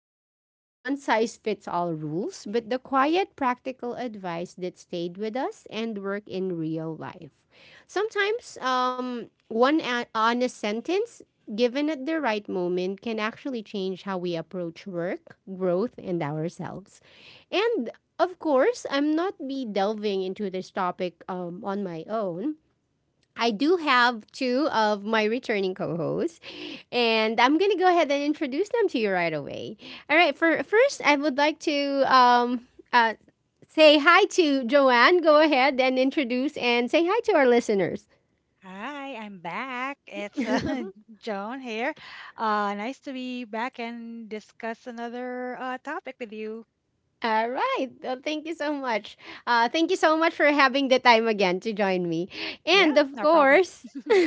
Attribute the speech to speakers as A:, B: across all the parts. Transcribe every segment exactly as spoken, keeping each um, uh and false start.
A: quotes or one size fits all rules, but the quiet, practical advice that stayed with us and work in real life. Sometimes, um, one a- honest sentence given at the right moment can actually change how we approach work, growth, and ourselves. And of course, I'm not be delving into this topic um, on my own. I do have two of my returning co-hosts, and I'm gonna go ahead and introduce them to you right away. All right, for first, I would like to um, uh, say hi to Joanne. Go ahead and introduce and say hi to our listeners.
B: Hi, I'm back. It's uh, Joan here. Uh, nice to be back and discuss another uh, topic with you.
A: All right. Well, thank you so much. Uh, thank you so much for having the time again to join me.
B: Yeah,
A: And of
B: no problem.
A: course,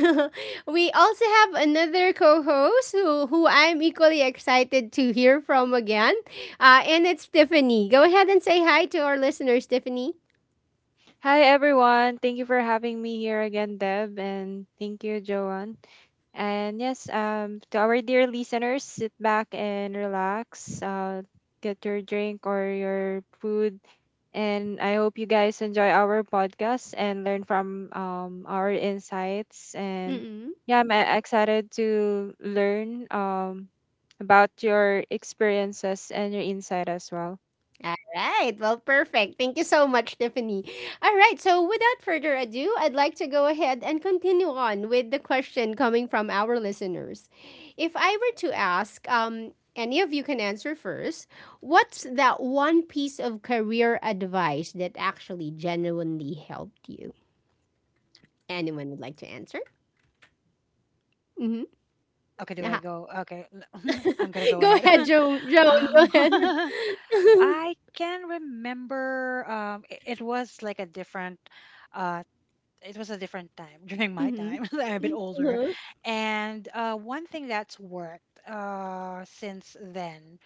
A: we also have another co-host who, who I'm equally excited to hear from again. Uh, and it's Tiffany. Go ahead and say hi to our listeners, Tiffany.
C: Hi everyone. Thank you for having me here again, Deb, and thank you, Joanne. And yes, um to our dear listeners, sit back and relax. Uh get your drink or your food and I hope you guys enjoy our podcast and learn from um our insights and
A: Mm-mm.
C: yeah, I'm uh, excited to learn um about your experiences and your insight as well.
A: All right. Well, perfect. Thank you so much, Tiffany. All right. So, without further ado, I'd like to go ahead and continue on with the question coming from our listeners. If I were to ask, um, any of you can answer first, what's that one piece of career advice that actually genuinely helped you? Anyone would like to answer? Mm-hmm.
B: Okay, do I
A: Uh-huh.
B: go? Okay, I'm gonna go
A: Go
B: ahead.
A: ahead, Joan. Joan, go
B: Um,
A: ahead. Mm-hmm.
B: I can remember. Um, i- it, was like a different. Uh, it was a different time during my
A: Mm-hmm.
B: time. I'm a bit older, and uh, one thing that's worked uh since then,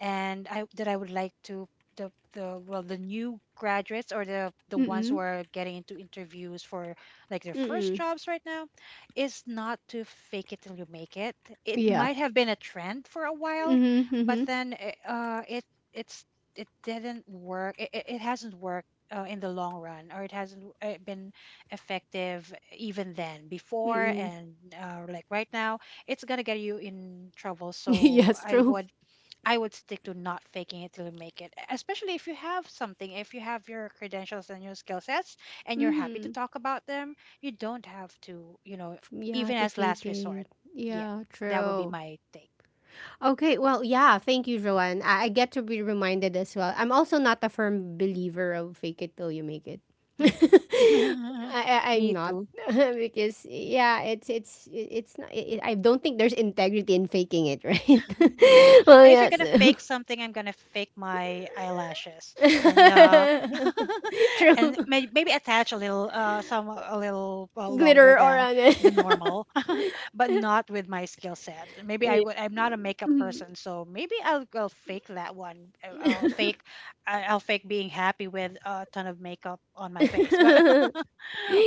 B: and I that I would like to the the well the new graduates or the the ones
A: Mm-hmm.
B: who are getting into interviews for like their first
A: Mm-hmm.
B: jobs right now is not to fake it till you make it. It
A: Yeah.
B: might have been a trend for a while,
A: Mm-hmm.
B: but
A: Mm-hmm.
B: then it, uh it it's it didn't work. It, it it hasn't worked. Uh, in the long run, or it hasn't uh, been effective even then, before,
A: Mm-mm.
B: and uh, like right now, it's gonna get you in trouble. So
A: Yes,
B: I
A: true.
B: would I would stick to not faking it till you make it, e, especially if you have something, if you have your credentials and your skill sets and you're happy to
A: Mm-hmm.
B: talk about them, you don't have to, you know,
A: Yeah,
B: even
A: to
B: as
A: fake
B: last resort.
A: it.
B: Yeah,
A: Yeah,
B: that would be
A: true.
B: my take.
A: Okay, well, yeah, thank you, Joanne. I, I get to be reminded as well. I'm also not a firm believer of fake it till you make it.
B: Mm.
A: I, I I'm
C: Me
A: not
C: too.
A: because yeah, it's it's it's not. It, I don't think there's integrity in faking it, right?
B: Yeah.
A: Well,
B: If you're
A: yes.
B: going to fake something, I'm going to fake my eyelashes. And uh, and
A: True.
B: may maybe attach a little, uh, some a little uh, longer
A: Glitter or
B: than
A: on
B: the
A: it.
B: normal, but not with my skill set. Maybe I
A: Yeah.
B: would. I'm not a makeup person, so maybe I'll, I'll fake that one. Uh, I'll fake, I- I'll fake being happy with a ton of makeup on my face. But,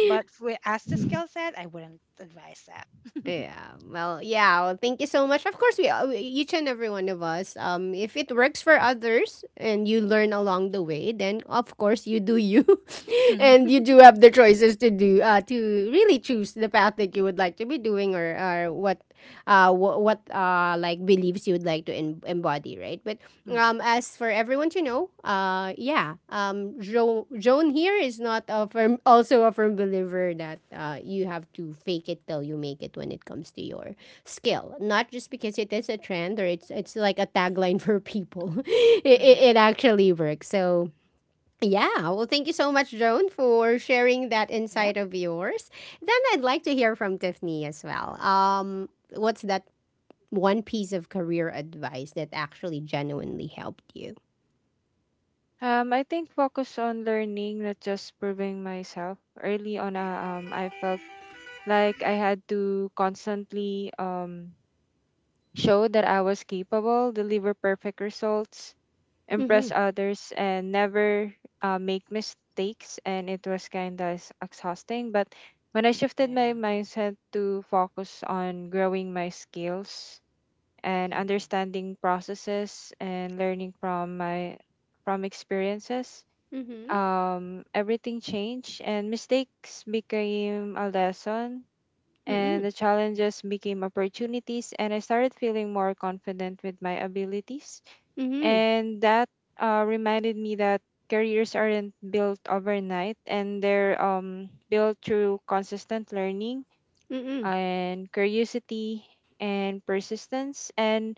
B: but with as the skill set, I wouldn't advise that.
A: Yeah. Well, yeah. Well, thank you so much. Of course, we uh, each and every one of us. Um, if it works for others and you learn along the way, then of course you do you,
B: Mhm,
A: and you do have the choices to do uh to really choose the path that you would like to be doing or or what uh, wh- what uh, like beliefs you would like to em- embody, right? But
B: mhm,
A: um, as for everyone to know, uh, yeah, um, jo- Joan here is not a firm, also a firm believer that uh, you have to fake it till you make it when it comes to your skill. Not just because it is a trend or it's it's like a tagline for people. it, it,
B: mhm.
A: it actually works. So yeah, well, thank you so much, Joan, for sharing that
B: Yep.
A: insight of yours. Then I'd like to hear from Tiffany as well. Um, what's that one piece of career advice that actually genuinely helped you?
C: Um, I think focus on learning, not just proving myself. Early on, uh, um, I felt like I had to constantly um show that I was capable, deliver perfect results, impress
A: Mhm.
C: others, and never uh, make mistakes. And it was kind of exhausting. But when I shifted my
B: Yeah.
C: mindset to focus on growing my skills and
B: Mhm,
C: understanding processes and learning from my from experiences,
A: Mhm.
C: um, everything changed and mistakes became a lesson, and
B: mhm,
A: Mhm.
C: the challenges became opportunities, and I started feeling more confident with my abilities.
A: Mhm.
C: And that uh, reminded me that careers aren't built overnight, and they're um, built through consistent learning
A: Mhm.
C: and curiosity and persistence. And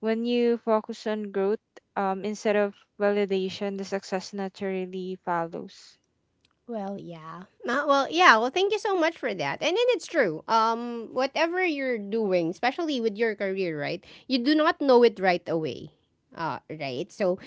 C: when you focus on growth, um, instead of validation, the success naturally follows.
A: Well, yeah. Uh, well, yeah. Well, thank you so much for that. And then it's true. Um, whatever you're doing, especially with your career, right? You do not know it right away. Uh, right. So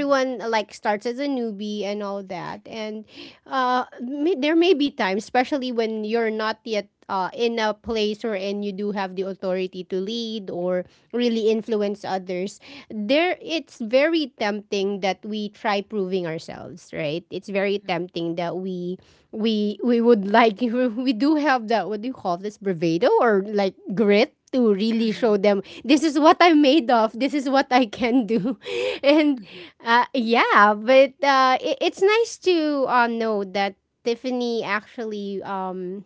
B: mhm,
A: like starts as a newbie and all that, and uh, may, there may be times, especially when you're not yet uh, in a place or and you do have the authority to lead or really influence others. There, it's very tempting that we try proving ourselves. Right. It's very
B: mhm,
A: tempting that we we we would like we do have that what do you call this bravado or like grit to really show
B: mhm,
A: them this is what I'm made of, this is what I can do. And uh, yeah, but uh, it, it's nice to uh, know that Tiffany actually um,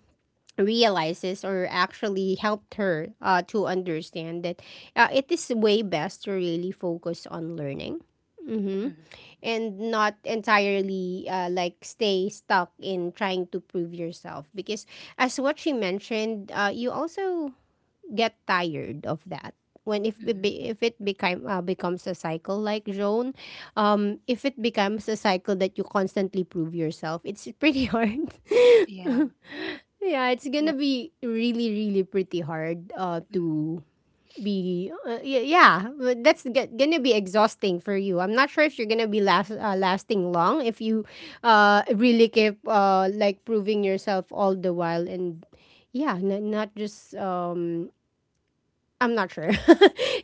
A: realizes or actually helped her uh, to understand that uh, it is way best to really focus on learning. Mm-hmm.
B: mhm,
A: And not entirely uh, like stay stuck in trying to prove yourself because as what she mentioned, uh, you also get tired of that when if it
B: mhm.
A: be, if it become uh, becomes a cycle like Joan, um, if it becomes a cycle that you constantly prove yourself, it's pretty hard.
B: Yeah.
A: Yeah, it's gonna be really really pretty hard uh, to be uh, y- yeah but that's g- gonna be exhausting for you. I'm not sure if you're gonna be last uh, lasting long if you uh really keep uh like proving yourself all the while and yeah n- not just um I'm not sure.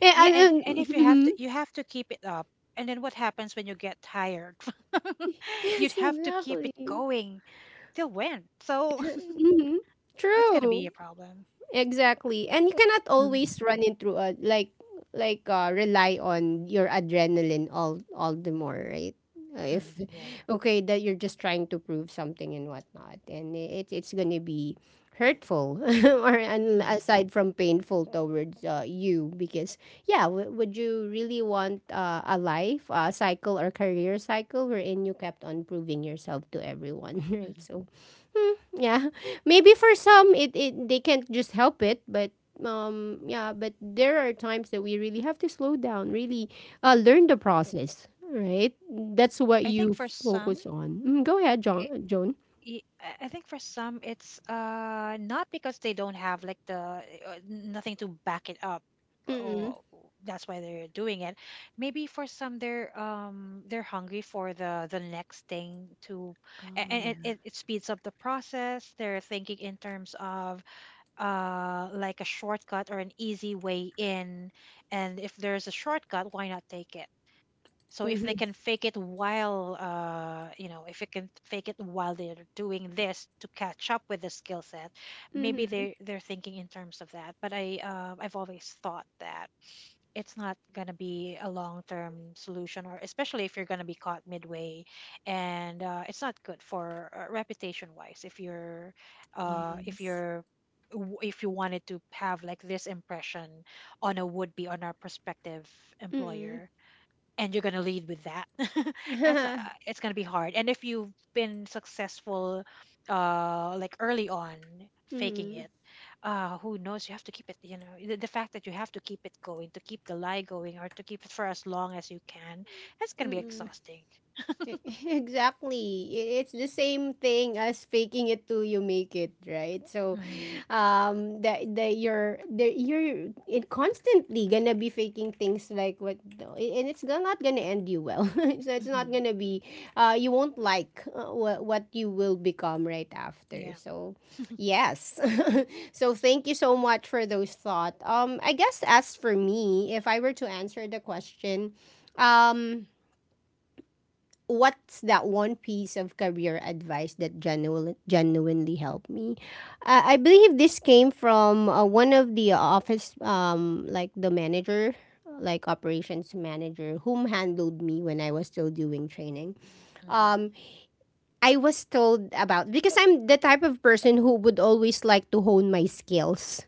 A: Yeah,
B: Yeah,
A: and,
B: and and
A: and
B: if you have
A: mhm.
B: to, you have to keep it up. And then what happens when you get tired? You'd
A: Yes,
B: have to keep
A: exactly.
B: it going till when? So
A: Hmm.
B: that's gonna be a
A: True.
B: problem.
A: Exactly. And you cannot
C: Mm.
A: always run into a like like uh, rely on your adrenaline all all the more, right? Uh, If
B: Mhm,
A: Okay that you're just trying to prove something and whatnot, and it it's gonna be hurtful or and
B: yeah, mhm,
A: aside from painful towards uh, you because yeah w- would you really want uh, a life a cycle or career cycle wherein you kept on proving yourself to everyone right
B: mhm.
A: so yeah. Maybe for some it, it they can't just help it, but um yeah, but there are times that we really have to slow down, really uh learn the process, right? That's what
B: I think
A: you
B: for some,
A: focus on. Mm, go ahead, John Joan.
B: Y- I I think for some it's uh not because they don't have like the uh, nothing to back it up
A: Mm-mm.
B: or that's why they're doing it. Maybe for some they're um they're hungry for the the next thing to, a-
A: Oh
B: and it,
A: yeah.
B: it, it speeds up the process. They're thinking in terms of uh like a shortcut or an easy way in, and if there's a shortcut, why not take it? So if they
A: Mm-hmm.
B: can fake it while, uh, you know, if they can fake it while they're doing this to catch up with the skill set, maybe
A: Mm-hmm.
B: they they're thinking in terms of that. But I uh, I've always thought that it's not gonna be a long term solution, or especially if you're gonna be caught midway, and uh, it's not good for uh, reputation wise if you're uh, if
A: Yes.
B: you're w- if you wanted to have like this impression on a would be on our prospective
A: Mm-mm.
B: employer and you're going to lead with that. that's uh, it's going to be hard, and if you've been successful uh like early on faking
A: Mm-mm.
B: it, uh who knows, you have to keep it, you know, the, the fact that you have to keep it going to keep the lie going or to keep it for as long as you can, that's going to be
A: Mm-mm.
B: exhausting.
A: E- Exactly. I- It's the same thing as faking it till you make it, right? So,
B: Mm.
A: um, that that you're that you're it constantly gonna be faking things like what, and it's go- not gonna end you well. So it's not
B: Mm-hmm.
A: gonna be, uh, you won't like uh, what what you will become right after.
B: Yeah.
A: So, yes. So thank you so much for those thoughts. Um, I guess as for me, if I were to answer the question, um what's that one piece of career advice that genuinely, genuinely helped me? Uh, I believe this came from uh, one of the office, um, like the manager, like operations manager, whom handled me when I was still doing training.
B: Mm-hmm.
A: Um, I was told about because I'm the type of person who would always like to hone my skills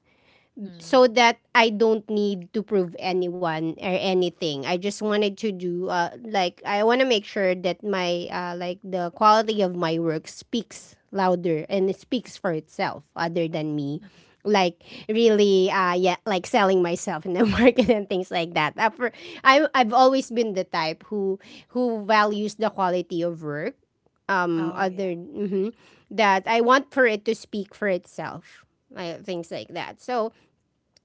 A: so
B: Mm.
A: that I don't need to prove anyone or anything. I just wanted to do uh, like I want to make sure that my uh, like the quality of my work speaks louder and it speaks for itself other than me like really uh yeah like selling myself in the market and things like that. Uh, for- I, I've always been the type who who values the quality of work um
B: Oh yeah.
A: other mhm, that I want for it to speak for itself uh, things like that so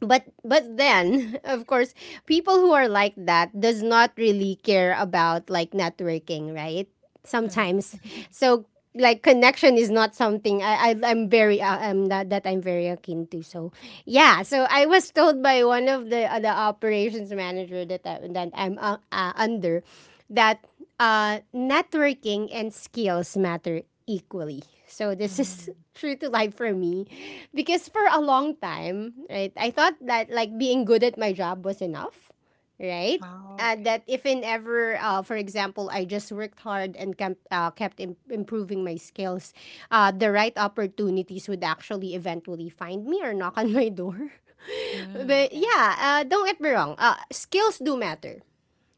A: but but then of course people who are like that does not really care about like networking right sometimes
B: Mm-hmm.
A: so like connection is not something I, I I'm very uh, um that that I'm very akin to so yeah so I was told by one of the uh, the operations manager that I, that I'm uh, uh, under that uh, networking and skills matter equally. So this is
B: Mm-hmm.
A: true to life for me because for a long time, right, I thought that like being good at my job was enough, right?
B: Oh,
A: Uh,
B: okay.
A: that if in ever, uh, for example, I just worked hard and kept, uh, kept im- improving my skills, uh, the right opportunities would actually eventually find me or knock on my door.
B: Mm,
A: But
B: okay.
A: yeah, uh, don't get me wrong, uh, skills do matter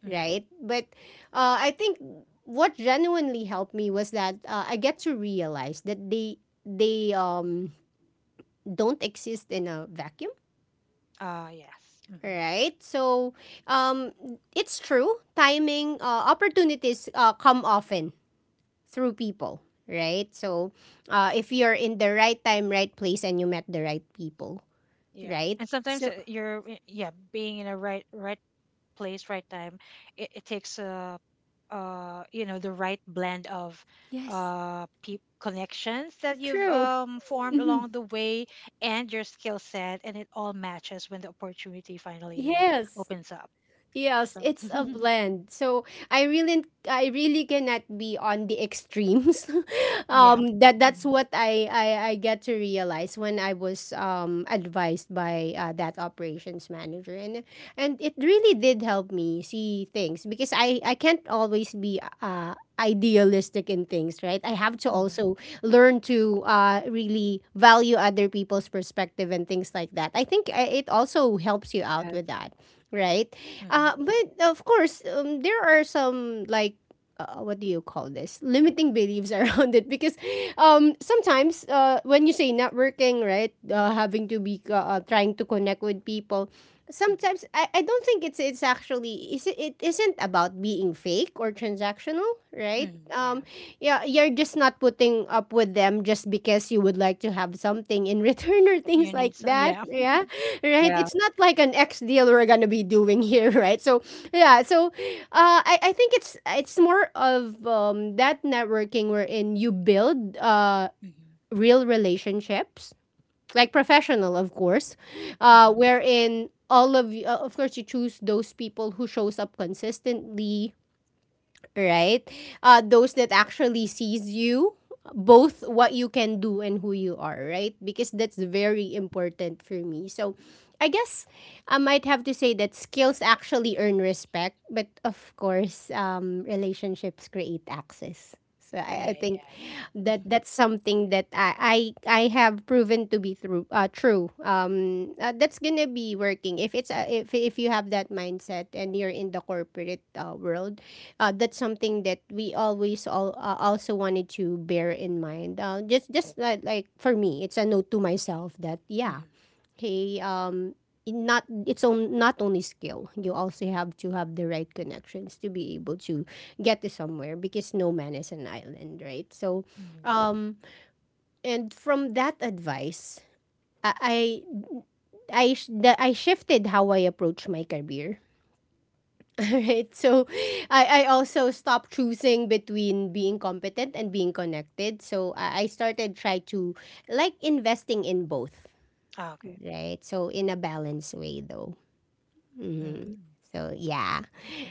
B: Mm-hmm.
A: right? But uh, I think what genuinely helped me was that uh, I get to realize that they they um, don't exist in a vacuum.
B: Uh, yes. Hmm.
A: Right, so um, it's true. Timing uh, opportunities uh, come often through people. Right, so uh, if you're in the right time, right place, and you met the right people.
B: Yeah.
A: Right,
B: And sometimes
A: so
B: uh, you're i- yeah, being in a right right place, right time, it, it takes uh uh you know the right blend of
A: yes,
B: uh peop connections that you've
A: true.
B: um formed
A: Hmm.
B: along the way and your skill set, and it all matches when the opportunity finally
A: Yes.
B: opens up.
A: Yes,
B: So
A: it's a blend. So I really I really cannot be on the extremes.
B: yeah.
A: Um, that
B: Mm-hmm.
A: that's what I, I I get to realize when I was um advised by uh, that operations manager and and it really did help me see things because I I can't always be uh idealistic in things, right? I have to
B: Mm-hmm.
A: also learn to uh really value other people's perspective and things like that. I think uh, it also helps you out
C: Yeah.
A: with that right?
B: Mm-hmm.
A: Uh, but of course, um, there are some like uh, what do you call this limiting beliefs around it because um, sometimes uh, when you say networking, right, uh, having to be uh, uh, trying to connect with people. Sometimes I, I don't think it's it's actually is it, it isn't about being fake or transactional right
B: Mm-hmm. Yeah.
A: um yeah, you're just not putting up with them just because you would like to have something in return or things like
B: So
A: that.
B: yeah.
A: Yeah, right.
C: Yeah.
A: It's not like an ex deal we're gonna be doing here, right? So yeah, so uh, I I think it's it's more of um, that networking wherein you build uh
B: Mm-hmm.
A: real relationships, like professional, of course, uh,
B: Mm-hmm.
A: wherein all of you, uh, of course, you choose those people who shows up consistently, right? Uh, those that actually sees you, both what you can do and who you are, right? Because that's very important for me. So I guess I might have to say that skills actually earn respect, but of course, um, relationships create access. So I, I
B: Yeah,
A: think
B: yeah,
A: that
B: yeah.
A: that's something that I, I I have proven to be through uh, true. Um, uh, that's gonna be working if it's uh, if if you have that mindset and you're in the corporate uh, world. uh, that's something that we always all, uh, also wanted to bear in mind. Uh, just just like, like for me, it's a note to myself that yeah,
B: Mm-hmm.
A: hey, um, in not it's on, not only skill. You also have to have the right connections to be able to get to somewhere because no man is an island, right? So,
B: Mm-hmm.
A: um, and from that advice, I I I, sh- the, I shifted how I approach my career, right? So I, I also stopped choosing between being competent and being connected. So I, I started try to like investing in both,
B: Ah, okay.
A: right? So in a balanced way though. hmm
B: Mm-hmm.
A: So yeah.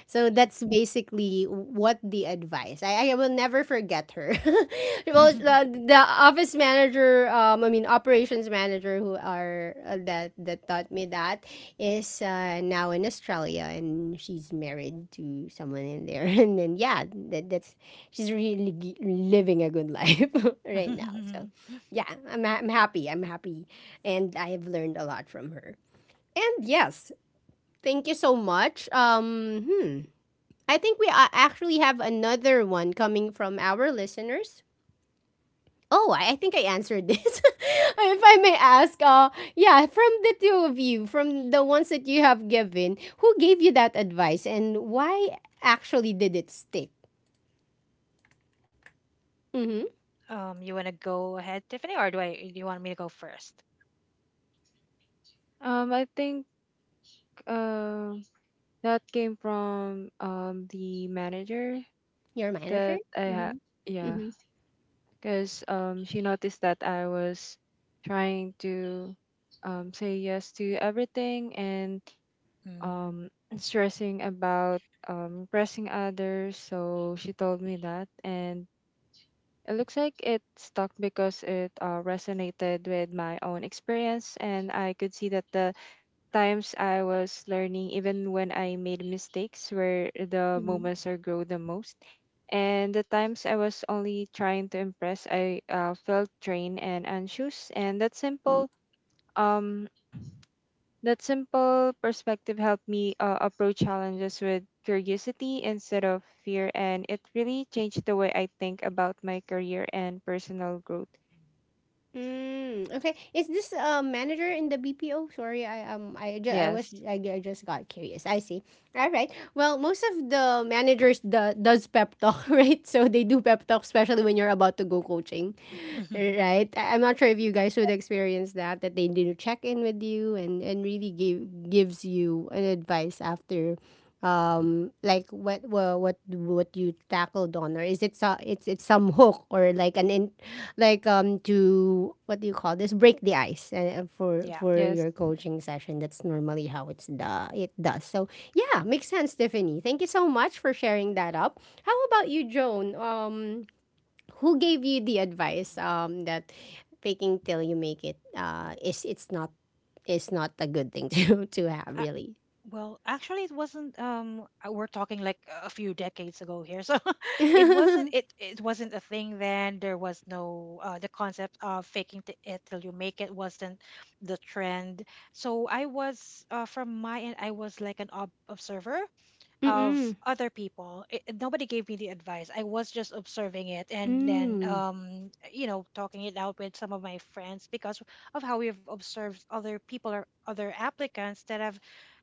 A: So that's basically what the advice. I, I will never forget her. Well, the, the office manager, um, I mean operations manager, who are uh, that that taught me that is uh, now in Australia and she's married to someone in there. And then yeah, that, that's she's really gi- living a good life right now. So yeah, I'm ha- I'm happy. I'm happy, and I have learned a lot from her. And yes, thank you so much. Um, hmm. I think we uh, actually have another one coming from our listeners. Oh, I I think I answered this. If I may ask, uh, yeah, from the two of you, from the ones that you have given, who gave you that advice and why actually did it stick? Mm-hmm.
B: Um, you want to go ahead, Tiffany, or do I? Do you want me to go first?
C: Um, I think um that came from um the manager
A: Your manager?
C: that I had.
A: Mm-hmm.
C: Yeah,
A: Mm-hmm.
C: because um she noticed that I was trying to um say yes to everything and
B: Mm.
C: um stressing about um pressing others. So she told me that, and it looks like it stuck because it uh, resonated with my own experience, and I could see that the times I was learning, even when I made mistakes, where the
A: Mm-hmm.
C: moments I grow the most. And the times I was only trying to impress, I uh, felt drained and anxious. And that simple, um, that simple perspective helped me uh, approach challenges with curiosity instead of fear, and it really changed the way I think about my career and personal growth.
A: Mm, okay. Is this a manager in the B P O? Sorry, I um I just I was
C: Yes.
A: I, I just got curious. I see. All right. Well, most of the managers do, does pep talk, right? So they do pep talk especially when you're about to go coaching. Right? I, I'm not sure if you guys would experience that that they do check in with you and and really give gives you an advice after um like what what what, what you tackled on, or is it so, it's it's some hook or like an in like um to what do you call this, break the ice uh, for
B: Yeah.
A: for
C: Yes.
A: your coaching session? That's normally how it's the it does. So yeah, makes sense, Tiffany, thank you so much for sharing that up. How about you, Joan? Um who gave you the advice um that faking till you make it uh is it's not is not a good thing to to have
B: Uh,
A: really.
B: well, actually, it wasn't. Um, uh, we're talking like a few decades ago here, so it wasn't. It it wasn't a thing then. There was no uh, the concept of faking t- it till you make it wasn't the trend. So I was uh, from my end, I was like an ob- observer of
A: Mm.
B: other people. It, it- nobody gave me the advice. I was just observing it, and then,
A: Mm.
B: um, you know, talking it out with some of my friends because of how we've observed other people or other applicants that have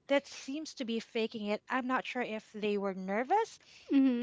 B: that seems to be faking it. I'm not sure if they were nervous.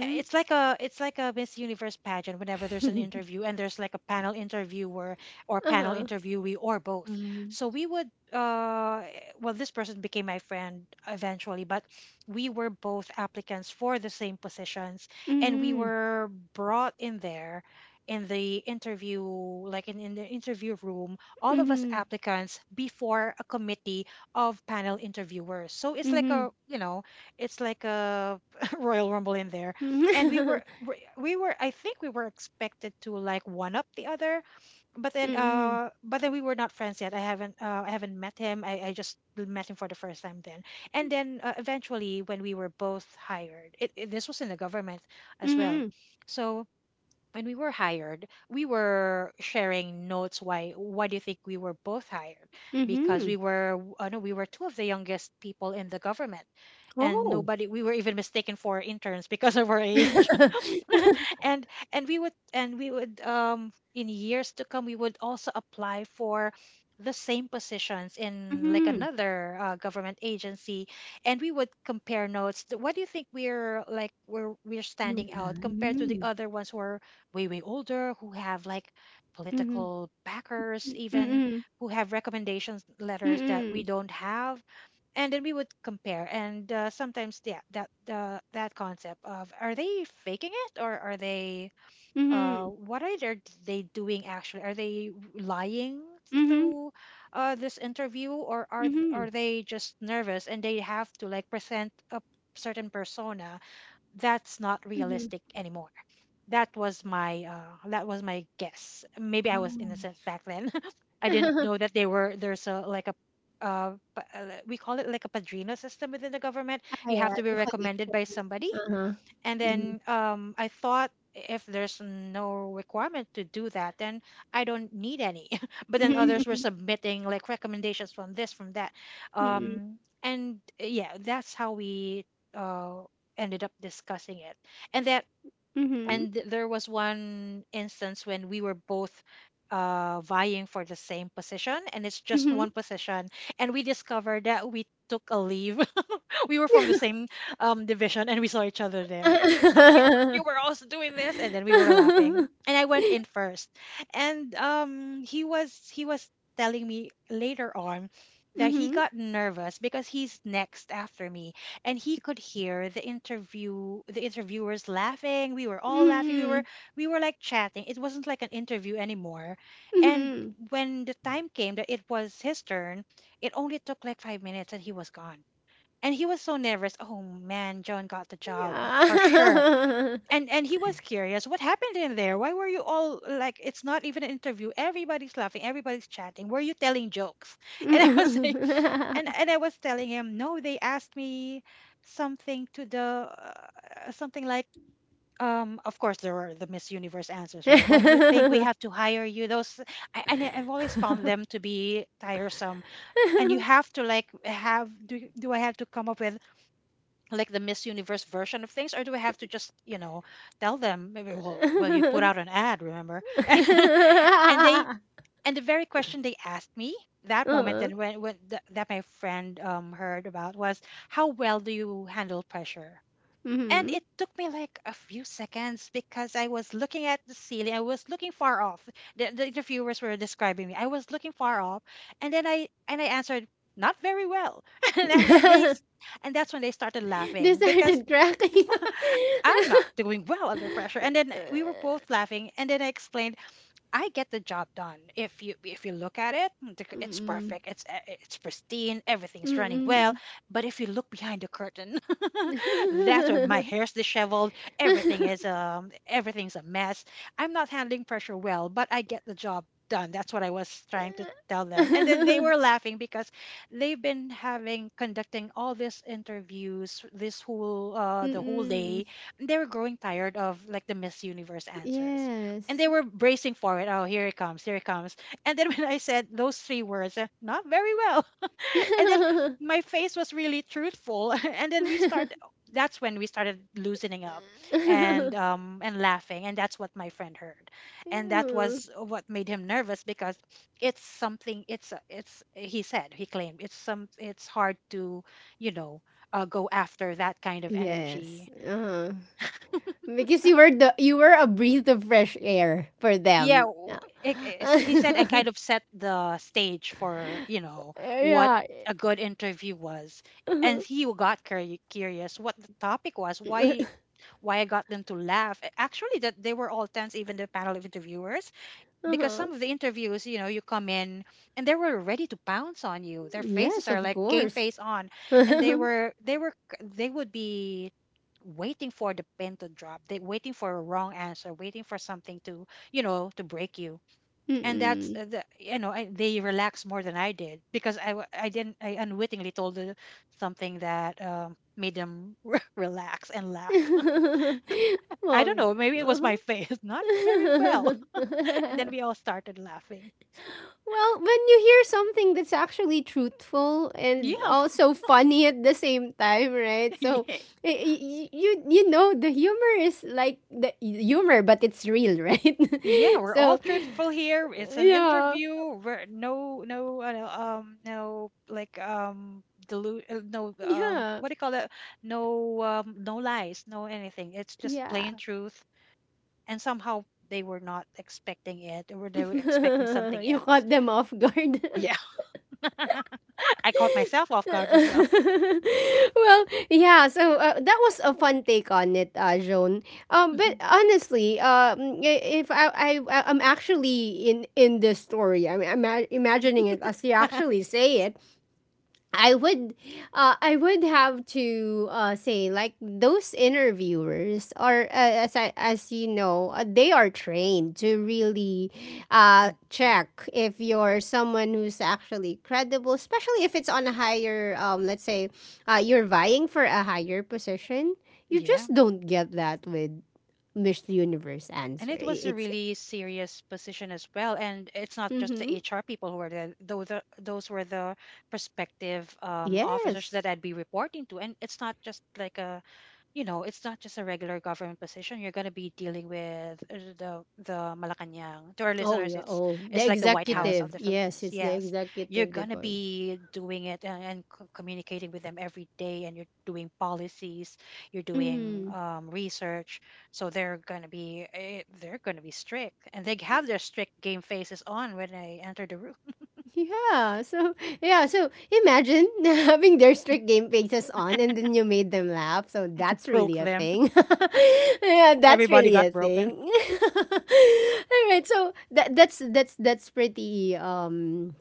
B: uh, it's like a it's like a Miss Universe pageant whenever there's an interview and there's like a panel interviewer or panel
A: Uh-huh.
B: interviewee or both.
C: Mhm.
B: So we would, uh eh, well, this person became my friend eventually, but we were both applicants for the same positions, and we
A: Mhm.
B: were brought in there in the interview, like in, in the interview room, all of us
A: Mhm.
B: applicants before a committee of panel interviewers. So it's like,
A: Mhm.
B: a you know, it's like a royal rumble in there, and we
A: Mhm.
B: were we we were, I think we were expected to like one up the other. But then,
A: Mhm.
B: uh but then we were not friends yet. i haven't uh, I haven't met him. I, I just met him for the first time then. And then uh, eventually when we were both hired, it, it, this was in the government as well.
A: Mhm.
B: So when we were hired, we were sharing notes. Why why do you think we were both hired? Because
A: Mhm.
B: we were, uh, no we were two of the youngest people in the government, and
A: Oh.
B: nobody, we were even mistaken for interns because of our age. And and we would and we would, um in years to come, we would also apply for the same positions in like
A: Mhm.
B: another uh, government agency, and we would compare notes. Th- what do you think we're like we're we're
A: You're
B: standing out compared to the
A: right.
B: other ones who are way way older, who have like
A: Mhm. Mhm.
B: political backers even,
A: Mmm.
B: who have recommendations letters that
A: Mmm.
B: we don't have. And then we would compare, and uh, sometimes, yeah, that the that concept of, are they faking it, or are they uh
A: Mm.
B: what are they, they doing actually, are they lying
A: Mhm.
B: through uh this interview, or
A: Mhm.
B: are th-
A: Mhm.
B: are they just nervous, and they have to like present a certain persona that's not
A: Mhm.
B: realistic anymore? That was my, uh, that was my guess. Maybe I was
A: Oh.
B: innocent back then. I didn't know that they were there's a like a uh, pa- uh, we call it like a padrino system within the government. You have
A: Kaya
B: to be
A: the
B: recommended by
A: connections.
B: somebody,
A: Uh-huh.
B: and
A: Mmm.
B: then, um, I thought if there's no requirement to do that, then I don't need any. But then others were
A: Mhm.
B: submitting like recommendations from this, from that,
A: Mhm.
B: um, and yeah, that's how we uh, ended up discussing it. And that,
A: Mhm.
B: and th- there was one instance when we were both uh, vying for the same position, and it's just
A: Mhm.
B: one position, and we discovered that we took a leave. We were from the same um, division, and we saw each other there. you were
A: Mhm.
B: you were also doing this, and then we were laughing, and I went in first. And um he was he was telling me later on
A: Mhm.
B: that he
A: Mhm.
B: got nervous because he's next after me, and he could hear the interview the interviewers laughing. We were all laughing. we were
A: Mhm.
B: we were like chatting. It wasn't like an interview anymore. And
A: Mhm.
B: when the time came that it was his turn, it only took like five minutes and he was gone. And he was so nervous. Oh man, John got the job for sure. and and he was curious, what happened in there? Why were you all like, it's not even an interview, everybody's laughing, everybody's chatting. Were you telling jokes? And I was like, and, and I was telling him, no, they asked me something to the, uh, something like, um of course, there were the Miss Universe answers, right? Why do you think we have to hire you, those? I, and I- I've always found them to be tiresome. And you have to like have do, do I have to come up with like the Miss Universe version of things, or do I have to just, you know, tell them, maybe, well, well, you put out an ad, remember? And they and the very question they asked me that moment,
A: Oo.
B: that
A: Mhm.
B: when, when th- that my friend um heard about was, how well do you handle pressure? And it took me like a few seconds because I was looking at the ceiling. I was looking far off. The, the interviewers were describing me. I was looking far off, and then I and I answered not very well. and and then they and that's when they started
A: They
B: laughing because
A: started cracking.
B: I'm not doing well under pressure. And then we were both laughing. And then I explained, I get the job done. If you if you look at it, mm, the c- it's
A: Mm.
B: perfect. It's uh, it's pristine. Everything's
A: Mm,
B: running well.
A: mhm.
B: But if you look behind the curtain, that's where my hair's disheveled. Everything is um everything's a mess. I'm not handling pressure well, but I get the job done. That's what I was trying to tell them. And then they were laughing because they've been having conducting all these interviews this whole uh the whole
A: Mm.
B: day. They were growing tired of like the Miss Universe answers. And
A: Yes.
B: they were bracing for it. Oh, here it comes, here it comes. And then when I said those three words, uh, not very well. And then my face was really truthful. And then we start. That's when we started loosening up, and um and laughing. And that's what my friend heard, and that was what made him nervous because it's something. It's a- it's he said he claimed it's some. It's hard to you know uh, go after that kind of
A: Yes,
B: energy.
A: uh-huh. Because you were the you were a breath of fresh air for
B: Yeah,
A: them.
B: w- it, it's- he said I kind of set the stage for you know what
A: Yeah.
B: a good interview was. And
A: Uh-huh.
B: he got curi- curious what the topic was, why why I got them to laugh. A- actually, that they were all tense, even the panel of interviewers, because
A: Uh-huh.
B: some of the interviews, you know, you come in and they were ready to pounce on you. Their faces
A: Yes,
B: are
A: of
B: like game
A: course.
B: on, and they
A: Mm-mm.
B: were they were c- they would be waiting for the pin to drop. They waiting for a wrong answer, waiting for something to you know to break you. And that's uh, the- you know I, they relaxed more than I did because I w- I didn't I unwittingly told the- something that um, made them relax and laugh.
A: Well,
B: I don't know, maybe it was
A: uh-huh.
B: my face, not very well,
A: Well,
B: and then we all started laughing.
A: when you hear something that's actually truthful and
B: Yeah,
A: also funny at the same time, right? So
B: yeah,
A: y- y- you you know the humor is like the humor, but it's real, right?
B: yeah, we're all
A: So
B: truthful here. It's an
A: yeah,
B: interview. We're no, no, uh, no, um, no, like, um, dilute, uh, no, um,
A: yeah,
B: what do you call that? No, um, no lies, no anything. It's just
A: yeah.
B: plain truth. And somehow they were not expecting it, or they were expecting something
A: You
B: else.
A: caught them off guard.
B: Yeah, I caught myself off guard as well.
A: Well, yeah. So uh, that was a fun take on it, uh, Joan. Um, but
B: Mhm.
A: honestly, um, I- if I, I I- I'm actually in in this story, I'm, I'm imagining it as you
B: Mhm.
A: actually say it. I would, uh, I would have to uh, say like those interviewers are uh, as I, as you know uh, they are trained to really uh, check if you're someone who's actually credible, especially if it's on a higher um let's say uh, you're vying for a higher position. You
B: Yeah.
A: just don't get that with Miss Universe
B: And
A: answer.
B: it was
A: I-
B: a
A: It's
B: really serious position as well. And it's not just
A: mm-hmm.
B: the H R people who were there. Those are those were the prospective um, officers
A: Yes.
B: that I'd be reporting to. And it's not just like a you know, it's not just a regular government position. You're going to be dealing with uh, the the Malacanang. To our
A: Oh
B: listeners,
A: yeah.
B: it's
A: Oh, the
B: it's like the White
C: Yeah.
B: House of
A: executive.
B: the Philippines.
A: Yes, it's the
B: Yes, you're
A: executive
B: going to
A: department.
B: be doing it, and, and co- communicating with them every day, and you're doing policies, you're doing um, research. So they're going to be eh, they're going to be strict, and they have their strict game faces on when I entered the room.
A: Yeah. So yeah. So imagine having their strict game faces on, and then you made them laugh. So
B: And you
A: that's
B: broke
A: really a
B: them.
A: thing. Yeah, that's
B: Everybody
A: really
B: got
A: a
B: broken.
A: thing. All right. So that that's that's that's pretty. Um.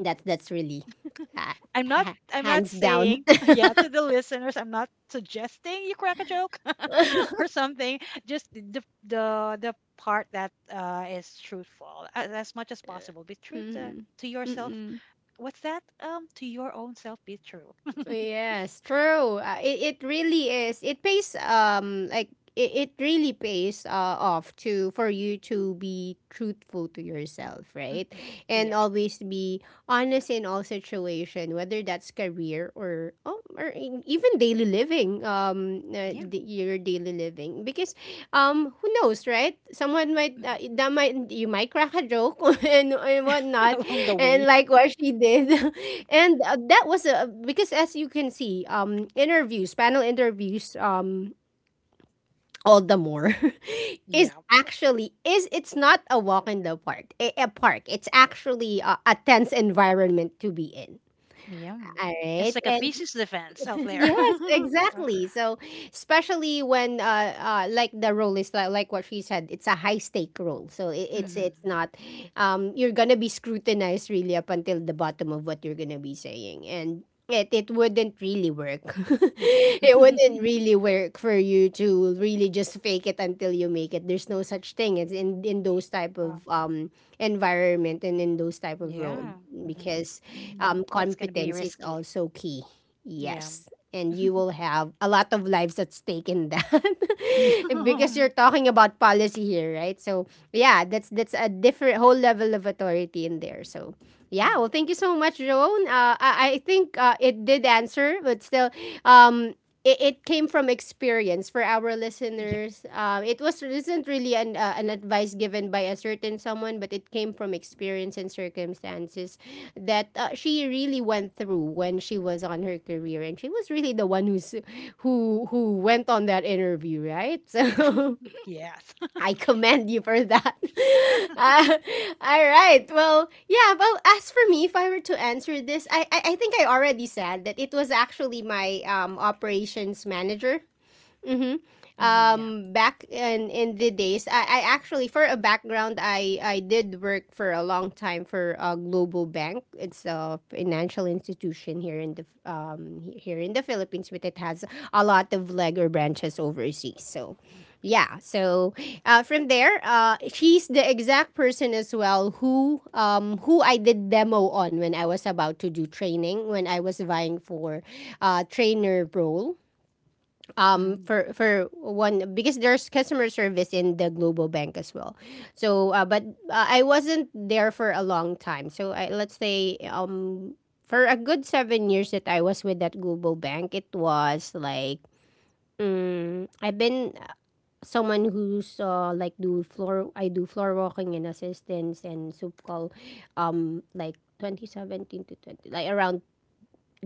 A: That's that's really, uh,
B: I'm not
A: ha-
B: I'm not
A: hands down.
B: saying yeah to the listeners. I'm not suggesting you crack a joke or something. Just the the the part that uh, is truthful as, as much as possible. Be true to,
A: Mm-mm.
B: to yourself.
A: Mm-mm.
B: What's that? Um, to your own self. Be true.
A: Yes, true. Uh, it, it really is. It pays um like it, it really pays uh, off to for you to be truthful to yourself, right?
B: Hmm.
A: And
B: Yeah,
A: always be honest in all situation, whether that's career or oh, or in- even daily living, um uh,
B: yeah.
A: d- your daily living because um who knows, right? Someone might
B: Mhm.
A: uh, that might you might crack a joke and, and whatnot
B: Along the way.
A: and like what she did and uh, that was a because as you can see um interviews panel interviews um all the more is
B: Yeah,
A: actually is it's not a walk in the park, a, a park, it's actually a, a tense environment to be in,
B: yeah.
A: all
B: It's like a
A: right.
B: thesis defense out there.
A: Yes, exactly. So, especially when uh, uh like the role is like, like what she said, it's a high stake role. So it, it's
B: Hmm.
A: it's not um you're gonna be scrutinized really up until the bottom of what you're gonna be saying, and it it wouldn't really work.
B: Hmm.
A: It wouldn't really work for you to really just fake it until you make it. There's no such thing as in in those type
B: Yeah.
A: of um environment and in those type of role
B: Yeah. Hmm.
A: because
C: Mhm.
A: um
B: That's gonna be
A: competence is
B: risky.
A: also key.
B: Yeah.
A: Yes. And you will have a lot of lives at stake in that.
B: Yeah.
A: Because you're talking about policy here, right? So yeah, that's that's a different whole level of authority in there. So yeah, well
B: Mm.
A: thank you so much, Joan. Uh, I, I think uh, it did answer, but still um it, it came from experience for our
B: Yeah.
A: listeners. Um, it was is isn't really an uh, an advice given by a certain someone, but it came from experience and circumstances that uh, she really went through when she was on her career, and she was really the one who's who who went on that interview, right?
B: Yeah.
A: So
B: Yes.
A: I commend you for that. Uh, all right. Well, yeah. Well, as for me, if I were to answer this, I, I I think I already said that it was actually my um operations manager. Mm-hmm.
B: Mm, yeah.
A: Um, back in in the days, I, I actually for a background, I I did work for a long time for a global bank. It's a financial institution here in the um here in the Philippines, but it has a lot of leg or branches overseas. So, yeah. So, uh, from there, uh, she's the exact person as well who um who I did demo on when I was about to do training when I was vying for uh trainer role um
B: Mm.
A: for for one because there's customer service in the global bank as well. So uh, but uh, I wasn't there for a long time, so I, let's say um for a good seven years that I was with that global bank, it was like mm, I've been uh, someone who's uh, like do floor, I do floor walking and assistance and soup call um like twenty seventeen to twenty, like around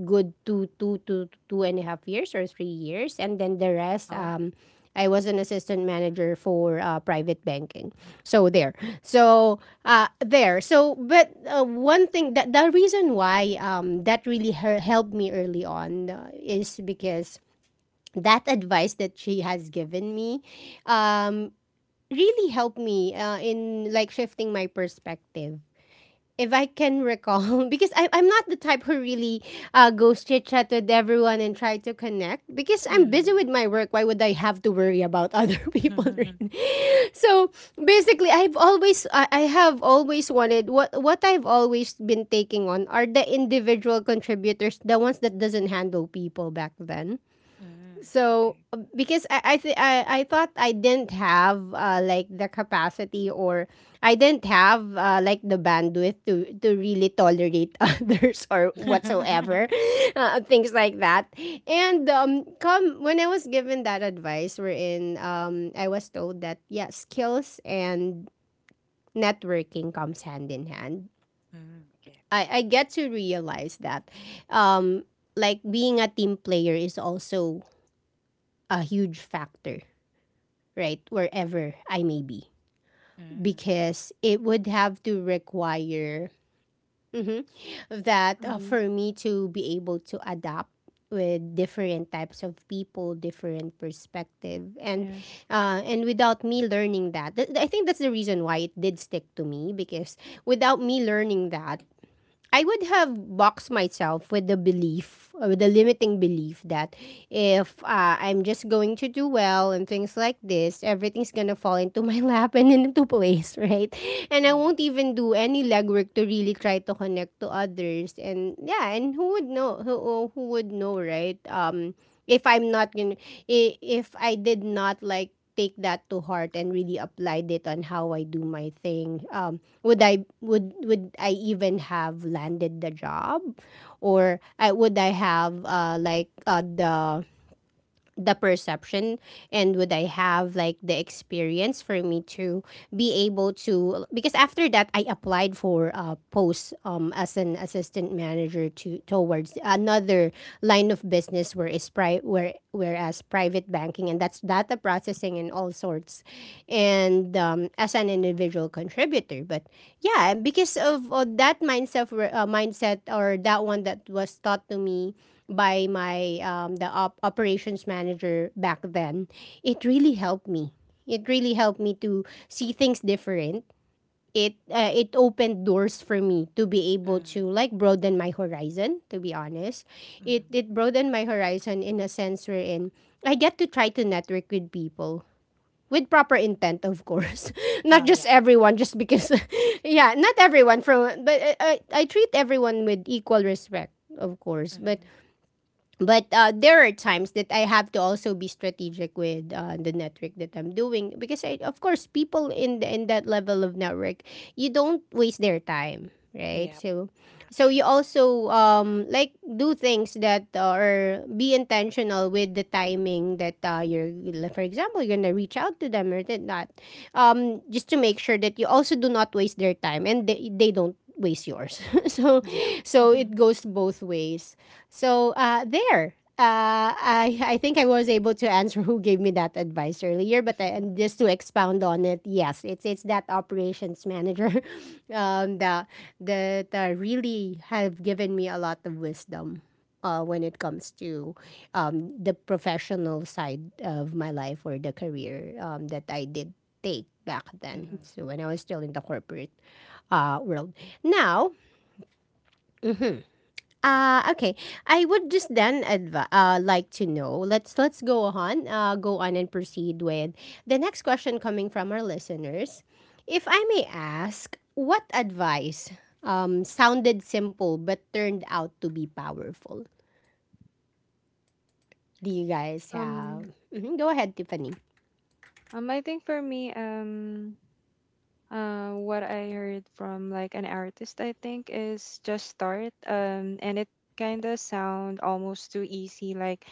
A: good two two to two and a half years or three years, and then the rest,
B: Oh.
A: um, I was an assistant manager for uh, private banking. So there, so uh, there, so but uh, one thing that the reason why um, that really her helped me early on uh, is because that advice that she has given me um, really helped me uh, in like shifting my perspective if I can recall, because I, I'm not the type who really uh, goes chit chat with everyone and try to connect. Because I'm
B: Mm,
A: busy with my work, why would I have to worry about other people?
B: yeah.
A: Right? So basically, I've always, I, I have always wanted what what I've always been taking on are the individual contributors, the ones that doesn't handle people back then.
B: Mm,
A: So
B: okay.
A: uh, because I I, th- I I thought I didn't have uh, like the capacity, or I didn't have uh, like the bandwidth to to really tolerate others or whatsoever uh, things like that. And um come when I was given that advice, wherein um I was told that, yeah, skills and networking comes hand in hand.
B: Mm, okay.
A: I, I get to realize that um like being a team player is also a huge factor, right? Wherever I may be.
B: Mm, okay.
A: Because it would have to require mhm, that uh,
C: Mhm.
A: for me to be able to adapt with different types of people, different perspective, and
C: Yes.
A: uh, and without me learning that, th- I think that's the reason why it did stick to me, because without me learning that, I would have boxed myself with the belief, or with the limiting belief, that if uh, I'm just going to do well and things like this, everything's gonna fall into my lap and into place, right? And I
B: Yeah.
A: won't even do any legwork to really try to connect to others. And yeah, and who would know? Who, who would know, right? Um, if I'm not gonna, i- if I did not like take that to heart and really applied it on how I do my thing. Um, would I would would I even have landed the job, or I, would I have uh, like uh, the the perception, and would I have like the experience for me to be able to? Because after that, I applied for a post um, as an assistant manager to towards another line of business, where is pri- where whereas private banking, and that's data processing and all sorts, and um, as an individual contributor. But yeah, because of, of that mindset where- uh, mindset, or that one that was taught to me by my um, the op- operations manager back then, it really helped me. It really helped me to see things different. It uh, it opened doors for me to be able
B: Mm,
A: to like broaden my horizon. To be honest, it
B: mm.
A: it broadened my horizon in a sense wherein I get to try to network with people with proper intent, of course, not
B: Oh, yeah.
A: just everyone, just because, yeah, not everyone from, but I, I I treat everyone with equal respect, of course, but
B: Mm,
A: but uh, there are times that I have to also be strategic with uh, the network that I'm doing, because I, of course, people in the, in that level of network, you don't waste their time, right?
B: yeah,
A: So so you
B: actually.
A: also um like do things that are be intentional with the timing, that uh, you're, for example, you're gonna reach out to them or did not, um just to make sure that you also do not waste their time, and they, they don't waste yours, so
B: Yeah.
A: so
B: Mm-hmm.
A: it goes both ways. So uh, there. Uh, I I think I was able to answer who gave me that advice earlier, but I,
B: Mm-hmm.
A: and just to expound on it, yes, it's it's that operations manager, um, that that uh, really have given me a lot of wisdom, uh, when it comes to, um, the professional side of my life, or the career, um, that I did take back then.
B: Mm-hmm.
A: So when I was still in the corporate, uh, world. Now, uh, okay. I would just then adv- uh, like to know. Let's let's go on. Uh, go on and proceed with the next question coming from our listeners. If I may ask, what advice um sounded simple but turned out to be powerful? Do you guys have?
C: Um.
A: Mhm, go ahead, Tiffany.
C: Um, I think for me, um, uh, what I heard from like an artist, I think, is just start. Um, and it kind of sound almost too easy. Like,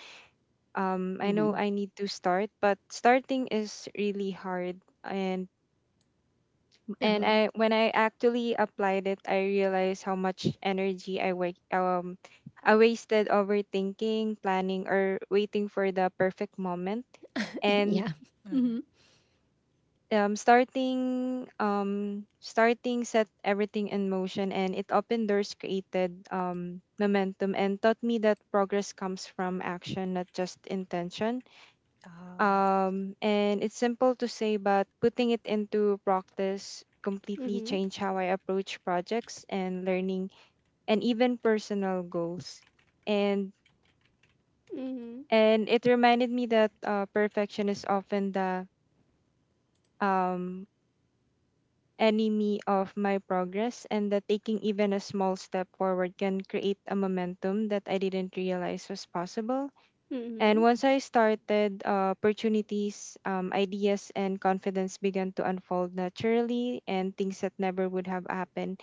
C: um, I know
A: Mm-hmm.
C: I need to start, but starting is really hard. And and
A: Uh-huh.
C: I when I actually applied it, I realized how much energy I wa- um I wasted overthinking, planning, or waiting for the perfect moment. And
A: Yeah.
B: Mm-hmm.
A: Mm-hmm.
C: um starting um starting set everything in motion, and it opened doors, created um momentum, and taught me that progress comes from action, not just intention.
B: Oh, yeah.
C: Um and it's simple to say, but putting it into practice completely
A: Mm-hmm.
C: changed how I approach projects and learning and even personal goals. and
A: Mm-hmm.
C: and it reminded me that uh, perfection is often the um enemy of my progress, and that taking even a small step forward can create a momentum that I didn't realize was possible. And once I started, uh, opportunities, um, ideas, and confidence began to unfold naturally, and things that never would have happened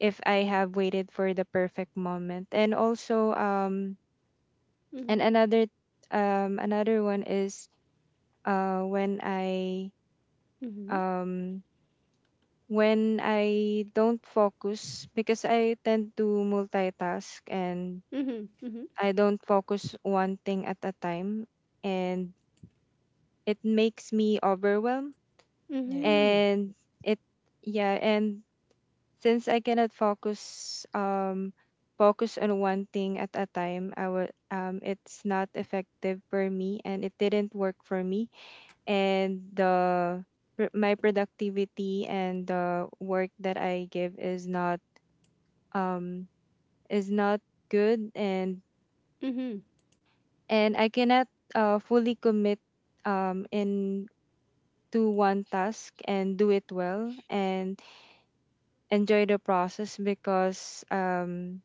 C: if I have waited for the perfect moment. And also, um, and
A: Mm-hmm.
C: another, um, another one is, uh, when I,
A: Mm-hmm. Mm-hmm.
C: um when I don't focus, because I tend to multitask and
A: Mm-hmm. Mm-hmm.
C: I don't focus one thing at a time, and it makes me overwhelmed,
B: Yeah.
A: Mm-hmm.
C: and it yeah. And since I cannot focus, um focus on one thing at a time, I would, um, it's not effective for me, and it didn't work for me. And the pr- my productivity and the work that I give is not, um is not good. and
A: Mm-hmm.
C: and I cannot uh fully commit um in to one task and do it well and enjoy the process, because um,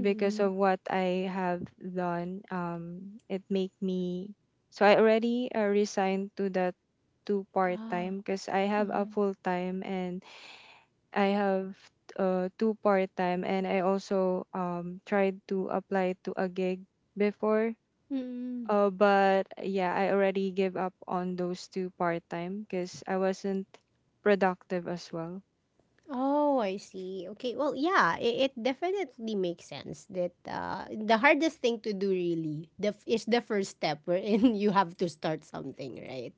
C: because of what I have done, um it make me, so I already uh, resigned to that, to part
A: Ah.
C: time, because I have a full time, and I have uh, two part time, and I also um tried to apply to a gig before.
A: Mm.
C: Uh, but yeah, I already gave up on those two part time because I wasn't productive as well.
A: Oh, I see. Okay. Well, yeah, it, it definitely makes sense that uh, the hardest thing to do really the, f- is the first step, wherein you have to start something, right?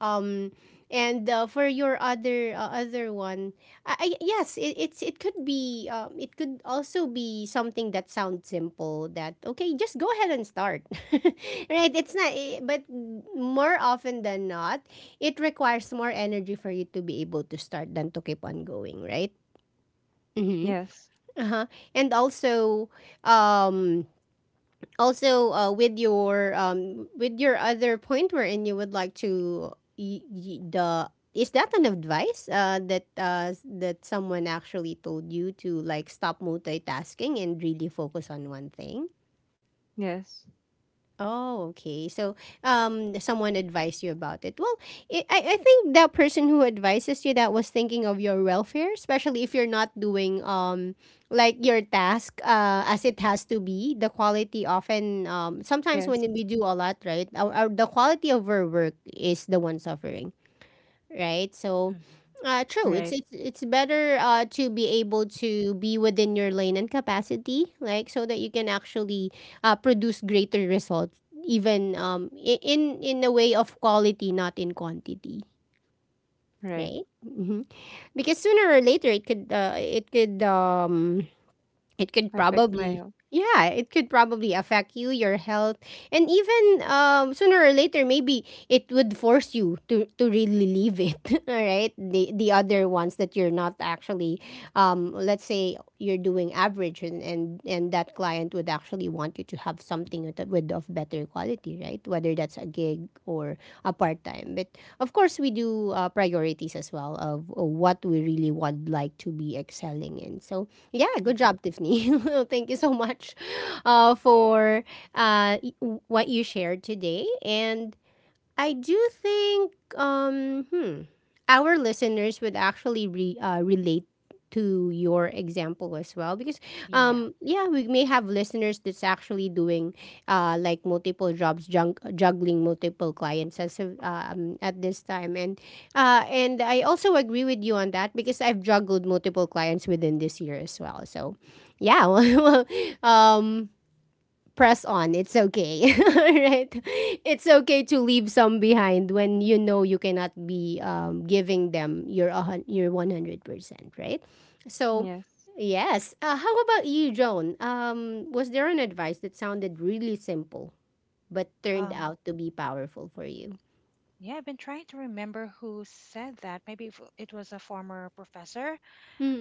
A: Um, and uh, for your other uh, other one, I, I, yes, it, it's it could be um, it could also be something that sounds simple, that okay, just go ahead and start, right? It's not, eh, but more often than not, it requires more energy for you to be able to start than to keep on going, right? Mm-hmm.
C: Yes,
A: Uh-huh. And also, um, also uh, with your um, with your other point, wherein you would like to y- y- the is that an advice uh, that uh, s- that someone actually told you to like stop multitasking and really focus on one thing?
C: yes,
A: Oh, okay. So, um, someone advised you about it. Well, it, I, I think that person who advises you that was thinking of your welfare, especially if you're not doing um, like your task uh, as it has to be. The quality often, um, sometimes when
C: yes.
A: we do a lot, right? Our, our, the quality of our work is the one suffering, right? So,
B: Mm-hmm.
A: uh, true. It's
C: Right,
A: it's it's better uh, to be able to be within your lane and capacity, like so that you can actually uh, produce greater results, even um i- in in a way of quality, not in quantity,
C: right.
A: right? Hmm. Because sooner or later, it could uh, it could um it could
C: Affect my
A: probably,
C: health.
A: yeah, it could probably affect you, your health, and even um sooner or later, maybe it would force you to to really leave it all right, the the other ones that you're not actually, um let's say you're doing average, and and and that client would actually want you to have something with, with of better quality, right, whether that's a gig or a part-time. But of course, we do uh, priorities as well of uh, what we really would like to be excelling in. So yeah, good
B: Mm-hmm.
A: job, Tiffany. Thank you so much uh, for uh, y- what you shared today. And I do think um hmm, our listeners would actually re, uh, relate to your example as well, because
B: Yeah.
A: um yeah, we may have listeners that's actually doing uh like multiple jobs, jung- juggling multiple clients as of, um at this time. And uh and I also agree with you on that, because I've juggled multiple clients within this year as well. So yeah, well, um press on. It's okay. Right? It's okay to leave some behind when you know you cannot be um, giving them your a hun- your one hundred percent, right? So,
C: Yes.
A: yes. Uh, how about you, Joan? Um, was there an advice that sounded really simple but turned
B: Um,
A: out to be powerful for you?
B: yeah, I've been trying to remember who said that. Maybe if it was a former professor.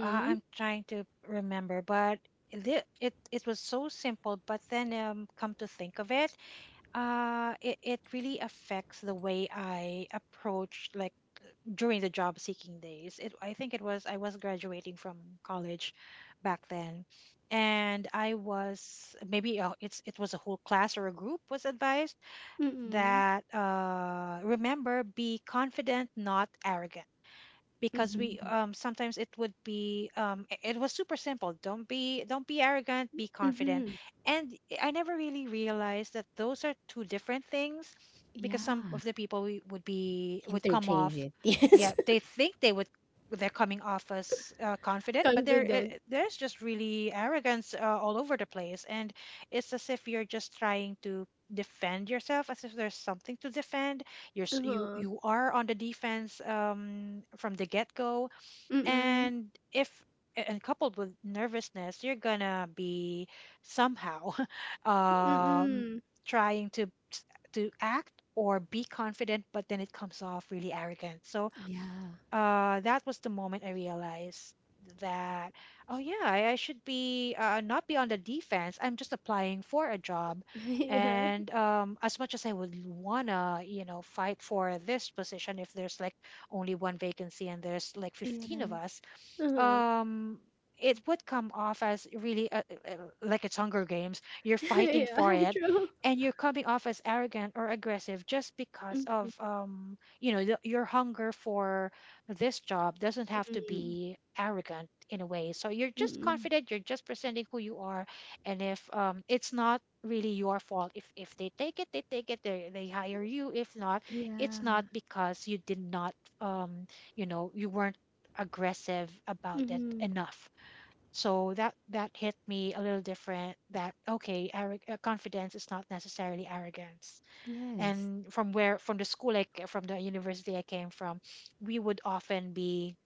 B: Uh, I'm trying to remember, but it, it it was so simple. But then, um, come to think of it, uh, it it really affects the way I approach like during the job seeking days. It I think it was I was graduating from college back then, and I was maybe uh, it's it was a whole class or a group was advised
A: Hmm.
B: that uh, remember be confident, not arrogant,
A: mm
B: because we
A: hmm
B: um sometimes it would be um i- it was super simple, don't be don't be arrogant, be confident.
A: Mm-hmm.
B: And I never really realized that those are two different things because some
A: Yeah.
B: of the people we would be would come
A: Interchange
B: off,
A: it. Yes.
B: yeah they think they would they're coming off as uh, confident, but there uh,
A: Confident.
B: there's just really arrogance uh, all over the place. And it's as if you're just trying to defend yourself as if there's something to defend. You're s- you
A: Uh-huh.
B: you are on the defense, um, from the get go,
A: Mm-mm.
B: and if a- and coupled with nervousness, you're gonna be somehow um,
A: Mm-mm.
B: trying to s- to act or be confident, but then it comes off really arrogant. So
A: Yeah.
B: uh, that was the moment I realized that, oh yeah, I, I should be uh, not be on the defense. I'm just applying for a job,
A: Yeah.
B: and um, as much as I would wanna, you know, fight for this position, if there's like only one vacancy and there's like fifteen of
A: Yes.
B: us,
A: Uh-huh.
B: um it would come off as really uh uh, uh, like it's Hunger Games. You're fighting
A: Yeah,
B: for it,
A: true.
B: and you're coming off as arrogant or aggressive just because of um you know the, your hunger for this job doesn't have to
A: Mm-mm.
B: be arrogant in a way. So you're just
A: Mm-mm.
B: confident. You're just presenting who you are, and if um it's not really your fault. if if they take it they take it, they, they hire you. If not, it's not
A: Yeah.
B: because you did not um you know you weren't aggressive about it
A: Mm-hmm.
B: enough. So that that hit me a little different. That okay, arro- uh, confidence is not necessarily arrogance.
A: Yes.
B: And from where from the school like from the university I came from, we would often be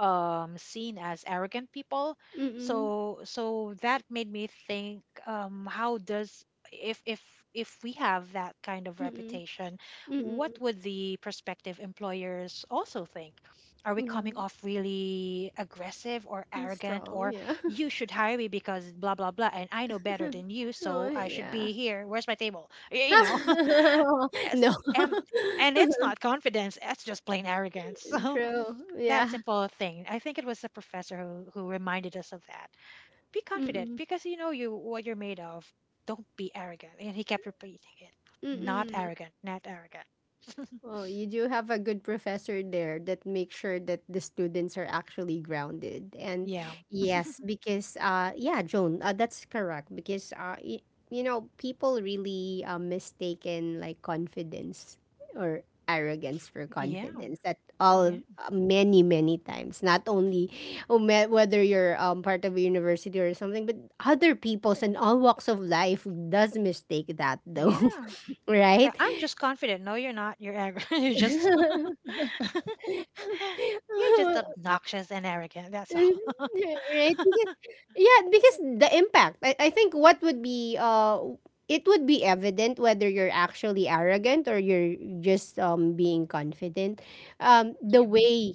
B: um seen as arrogant people.
A: Mm-mm.
B: So so that made me think um how does if if if we have that kind of
A: Mm-mm.
B: reputation, what
A: Mm-mm.
B: would the prospective employers also think? Are we
A: Yeah.
B: coming off really aggressive or
A: It's
B: arrogant?
A: strong,
B: Or
A: yeah.
B: you should hire me because blah blah blah and I know better than you,
A: Oh,
B: so I should
A: yeah.
B: be here, where's my table? Y- you know. Yes,
A: No.
B: and and it's not confidence, it's just plain arrogance.
A: True.
B: That
A: Yeah.
B: simple thing. I think it was the professor who, who reminded us of that. Be confident
A: Mm-mm.
B: because you know you what you're made of. Don't be arrogant. And he kept repeating it. Not
A: Mm-mm.
B: arrogant, not arrogant.
A: Well, you do have a good professor there that makes sure that the students are actually grounded. And
B: Yeah.
A: yes, because uh yeah, Joan, uh, that's correct, because uh y- you know, people really uh, mistaken like confidence or arrogance for
B: Yeah.
A: confidence at all
B: Yeah.
A: of- uh, many many times, not only um, eh, whether you're um, part of a university or something, but other people's and all walks of life does mistake that though.
B: Yeah. I-
A: Right.
B: I'm just confident. No, you're not. You're arrogant. You're just you're just obnoxious and arrogant. That's all.
A: Right, because yeah, because the impact, I, I think what would be uh it would be evident whether you're actually arrogant or you're just um being confident, um the
B: Mm.
A: way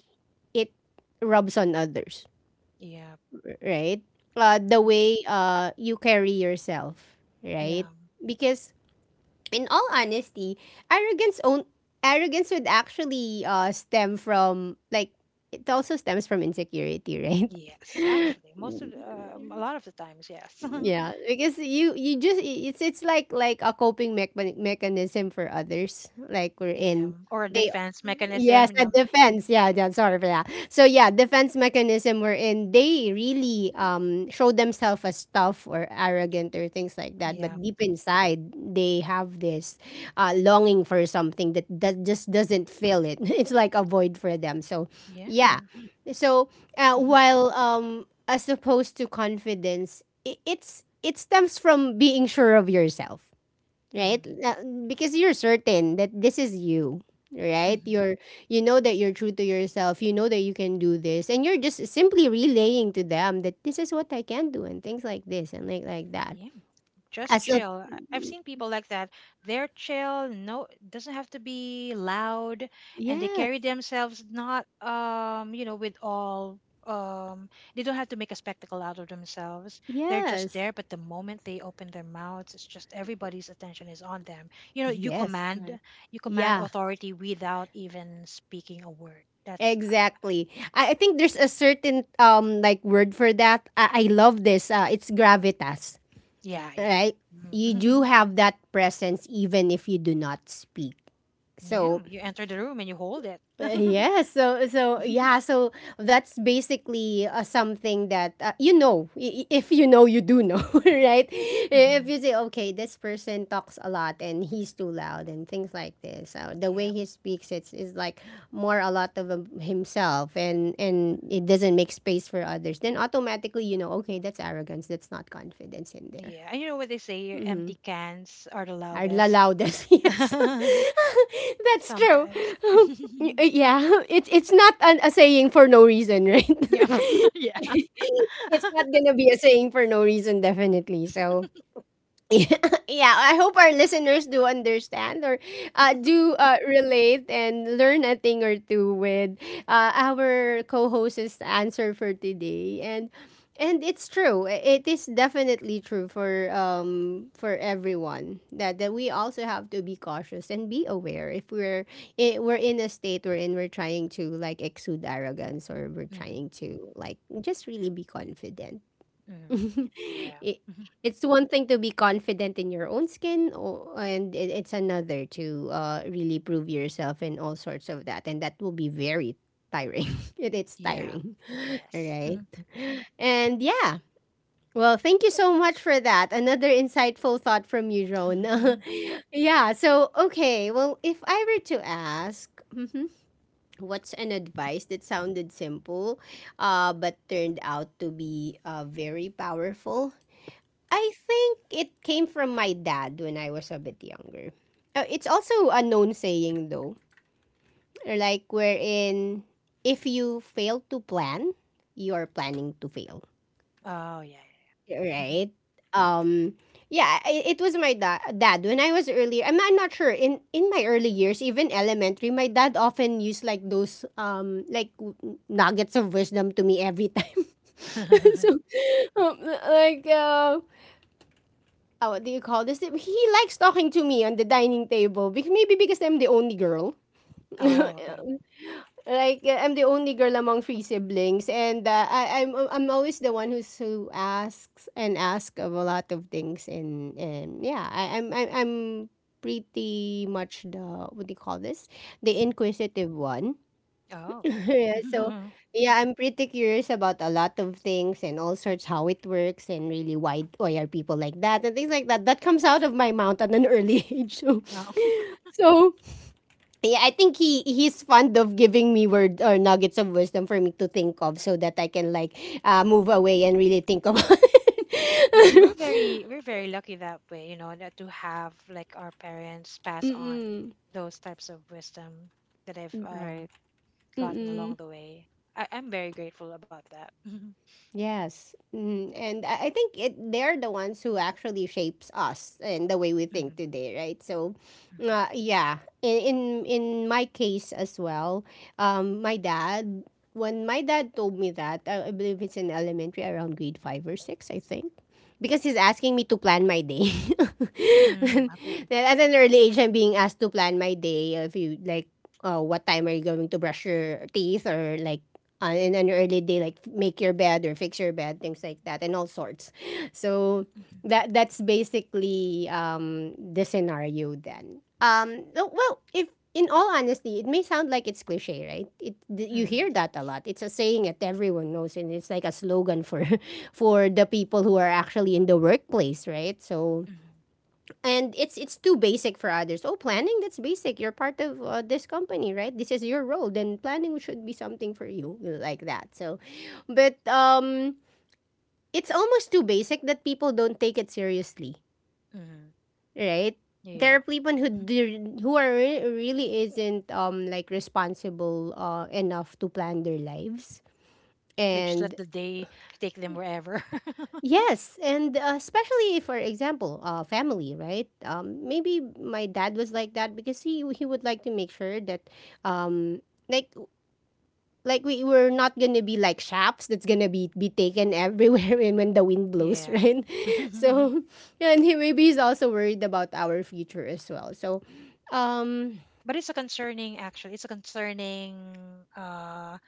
A: it rubs on others,
B: Yeah.
A: r- right, uh the way uh you carry yourself, right?
B: Yeah.
A: Because in all honesty, arrogance own arrogance would actually uh stem from like, it also stems from insecurity,
B: Yes.
A: right?
B: Actually, most of the, uh, a lot of the times, yes.
A: Yeah, because you you just i- it's it's like like a coping mechan mechanism for others. Like we're
B: Yeah.
A: in,
B: Or a
A: they,
B: defense
A: yes,
B: mechanism.
A: a
B: No.
A: defense. Yeah, yeah, sorry for that. So yeah, defense mechanism we're in. They really um show themselves as tough or arrogant or things like that, but deep inside they have this uh longing for something that that just doesn't fill it. It's like a void for them. So
B: Yeah.
A: yeah. So uh,
B: Hmm.
A: while um as opposed to confidence, i- it's it stems from being sure of yourself, right? Uh, because you're certain that this is you, right,
B: Hmm.
A: you're, you know that you're true to yourself, you know that you can do this, and you're just simply relaying to them that this is what I can do and things like this, and like like that.
B: Yeah, just
A: As a
B: chill. I- I've seen people like that. They're chill, no, doesn't have to be loud, and they
A: Yes,
B: carry themselves not, um, you know, with all, um, they don't have to make a spectacle out of themselves. They're just
A: yes,
B: there, but the moment they open their mouths, it's just everybody's attention is on them. You know,
A: yes,
B: you
A: yes,
B: command,
C: Right,
B: you command
A: yeah.
B: authority without even speaking a word. That's, uh,
A: Exactly. I, I think there's a certain um like word for that. I, I love this. Uh, it's gravitas,
B: yeah,
A: right? You
B: yeah.
A: do have that presence even if you do not speak.
B: Yeah,
A: So
B: you enter the room and you hold it.
A: uh, yeah, so so yeah, so that's basically uh, something that uh, you know. I- i- If you know, you do know, right? If you say, okay, this person talks a lot and he's too loud and things like this. So the way
B: Yeah.
A: he speaks, it's is like more a lot of um, himself, and and it doesn't make space for others. Then automatically you know, okay, that's arrogance. That's not confidence in there.
B: Yeah. And you know what they say, empty
A: Mm-hmm.
B: cans are the
A: I'd
B: loudest.
A: allow this. Yes, that's true.
B: Sometimes.
A: Um, Y- yeah, it's it's not an, a saying for no reason, right?
B: Yeah. Yeah.
A: It's not gonna be a saying for no reason, definitely. So yeah, I hope our listeners do understand or uh, do uh, relate and learn a thing or two with uh, our co-host's answer for today. And and it's true. I- It is definitely true for um for everyone that, that we also have to be cautious and be aware if we're I we're in a state we're in we're trying to like exude arrogance or we're
B: Mm,
A: trying to like just really be confident.
B: mm. Yeah.
A: it,
B: Mhm.
A: it's one thing to be confident in your own skin, or and it, it's another to uh, really prove yourself and all sorts of that, and that will be very tiring. it, it's
B: Yeah.
A: tiring.
B: Yes.
A: All right,
B: Mhm,
A: and yeah, well, thank you so much for that, another insightful thought from you, Joan.
B: mhm.
A: Yeah, so okay, well, if I were to ask mhm, what's an advice that sounded simple uh, but turned out to be uh, very powerful? I think it came from my dad when I was a bit younger. Uh, it's also a known saying though, like wherein if you fail to plan, you are planning to fail,
B: Oh, yeah. Yeah,
A: right? Um, yeah, i- it was my da- dad when I was earlier. I'm, I'm not sure in in my early years, even elementary. My dad often used like those um like w- nuggets of wisdom to me every time.
B: yeah.
A: So, um, like uh, oh, what do you call this? He likes talking to me on the dining table. Because maybe because I'm the only girl.
B: Oh,
A: Like
B: okay.
A: uh, I'm the only girl among three siblings, and uh, I, I'm uh, I'm always the one who's who asks and asks of a lot of things, and and yeah, I, I'm I'm I'm pretty much the, what do you call this? The inquisitive one.
B: Oh, okay.
A: Yeah, so
B: Mhm.
A: yeah, I'm pretty curious about a lot of things and all sorts, how it works, and really why why are people like that and things like that. That comes out of my mouth at an early age. So,
B: Well,
A: so yeah, I think he he's fond of giving me word or nuggets of wisdom for me to think of, so that I can like uh, move away and really think about
B: y- we're
A: it.
B: very, very lucky that way, you know, that to have like our parents pass on those types of wisdom that I've um,
C: right.
B: gotten along the way. I- I'm very grateful about that.
A: Yes. Mm, and I I think it, they're the ones who actually shapes us and the way we think today, right? So, uh, yeah. In, in in my case as well, um, my dad. When my dad told me that, I I believe it's in elementary, around grade five or six, I think, because he's asking me to plan my day.
B: Mm,
A: Then, at an early age, I'm being asked to plan my day. If you like, uh, what time are you going to brush your teeth? Or like uh, in an early day, like make your bed or fix your bed, things like that, and all sorts. So that that's basically um, the scenario then. Um, oh, well, if in all honesty, it may sound like it's cliche, right? It th- you
B: mm,
A: hear that a lot. It's a saying that everyone knows, and it's like a slogan for for the people who are actually in the workplace, right? So
B: mm,
A: and it's it's too basic for others. Oh, planning, that's basic. You're part of uh, this company, right? This is your role. Then planning should be something for you like that. So, but um, it's almost too basic that people don't take it seriously,
B: mm.
A: right? There are
B: Yeah.
A: people who
B: Mhm.
A: do, who are re- really isn't um like responsible uh enough to plan their lives,
B: They just let
A: and
B: the day take them wherever.
A: yes, and uh, especially if, for example, uh, family, right? Um, maybe my dad was like that because he he would like to make sure that, um, like like we were not gonna be like shafts that's gonna be be taken everywhere when when the wind blows, right? So, and he, maybe he's also worried about our future as well. So, um,
B: But it's a concerning, actually, it's a concerning uh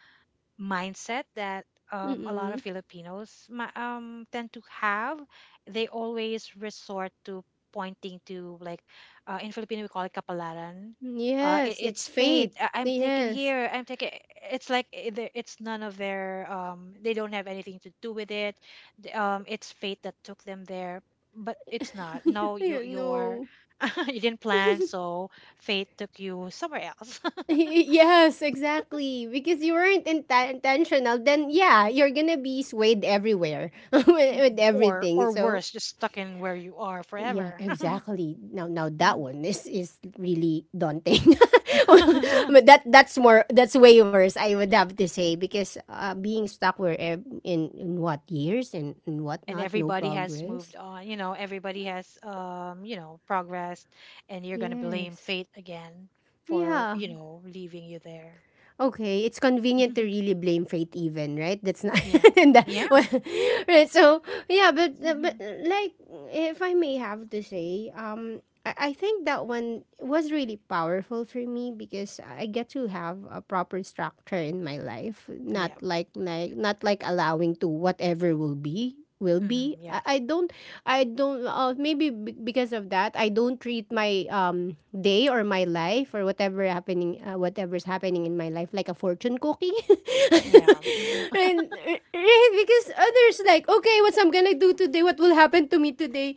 B: mindset that um, a lot
A: mm-mm.
B: of Filipinos ma- um, tend to have. They always resort to pointing to like uh, in Filipino we call it kapalaran. Uh, it,
A: Yes,
B: it's
A: it's
B: fate.
A: fate.
B: I- I'm taken here.
A: Yes,
B: I'm taken. It's like i- the- it's none of their. Um, they don't have anything to do with it. The- Um, it's fate that took them there. But it's not. No, you you're
A: no.
B: you didn't plan, so fate took you somewhere else.
A: Yes, exactly. Because you weren't inten- intentional, then yeah, you're gonna be swayed everywhere with, with everything.
B: Or
A: So
B: worse, just stuck in where you are
A: yeah,
B: forever.
A: exactly. Now, now that one is is really daunting. But that that's more that's way worse. I would have to say because uh, being stuck where ev- in in what years and and
B: And
A: whatnot, no
B: everybody has
A: progress.
B: moved on, you know, everybody has um you know progressed, and you're going to blame
A: Yes.
B: fate again for
A: Yeah.
B: you know leaving you there.
A: Okay, it's convenient to really blame fate even, right? That's not
B: Yeah.
A: and that,
B: Yeah.
A: well, right. So yeah, but but
B: Mhm.
A: like, if I may have to say, um, I, I think that one was really powerful for me, because I get to have a proper structure in my life. Not
B: Yeah.
A: like like not like allowing to, whatever will be will be.
B: Mm.
A: I, I don't I don't uh, maybe b- because of that, I don't treat my um day or my life or whatever happening uh, whatever's happening in my life like a fortune cookie.
B: Yeah. Mm.
A: and, and because others like, okay, what's I'm gonna do today, what will happen to me today,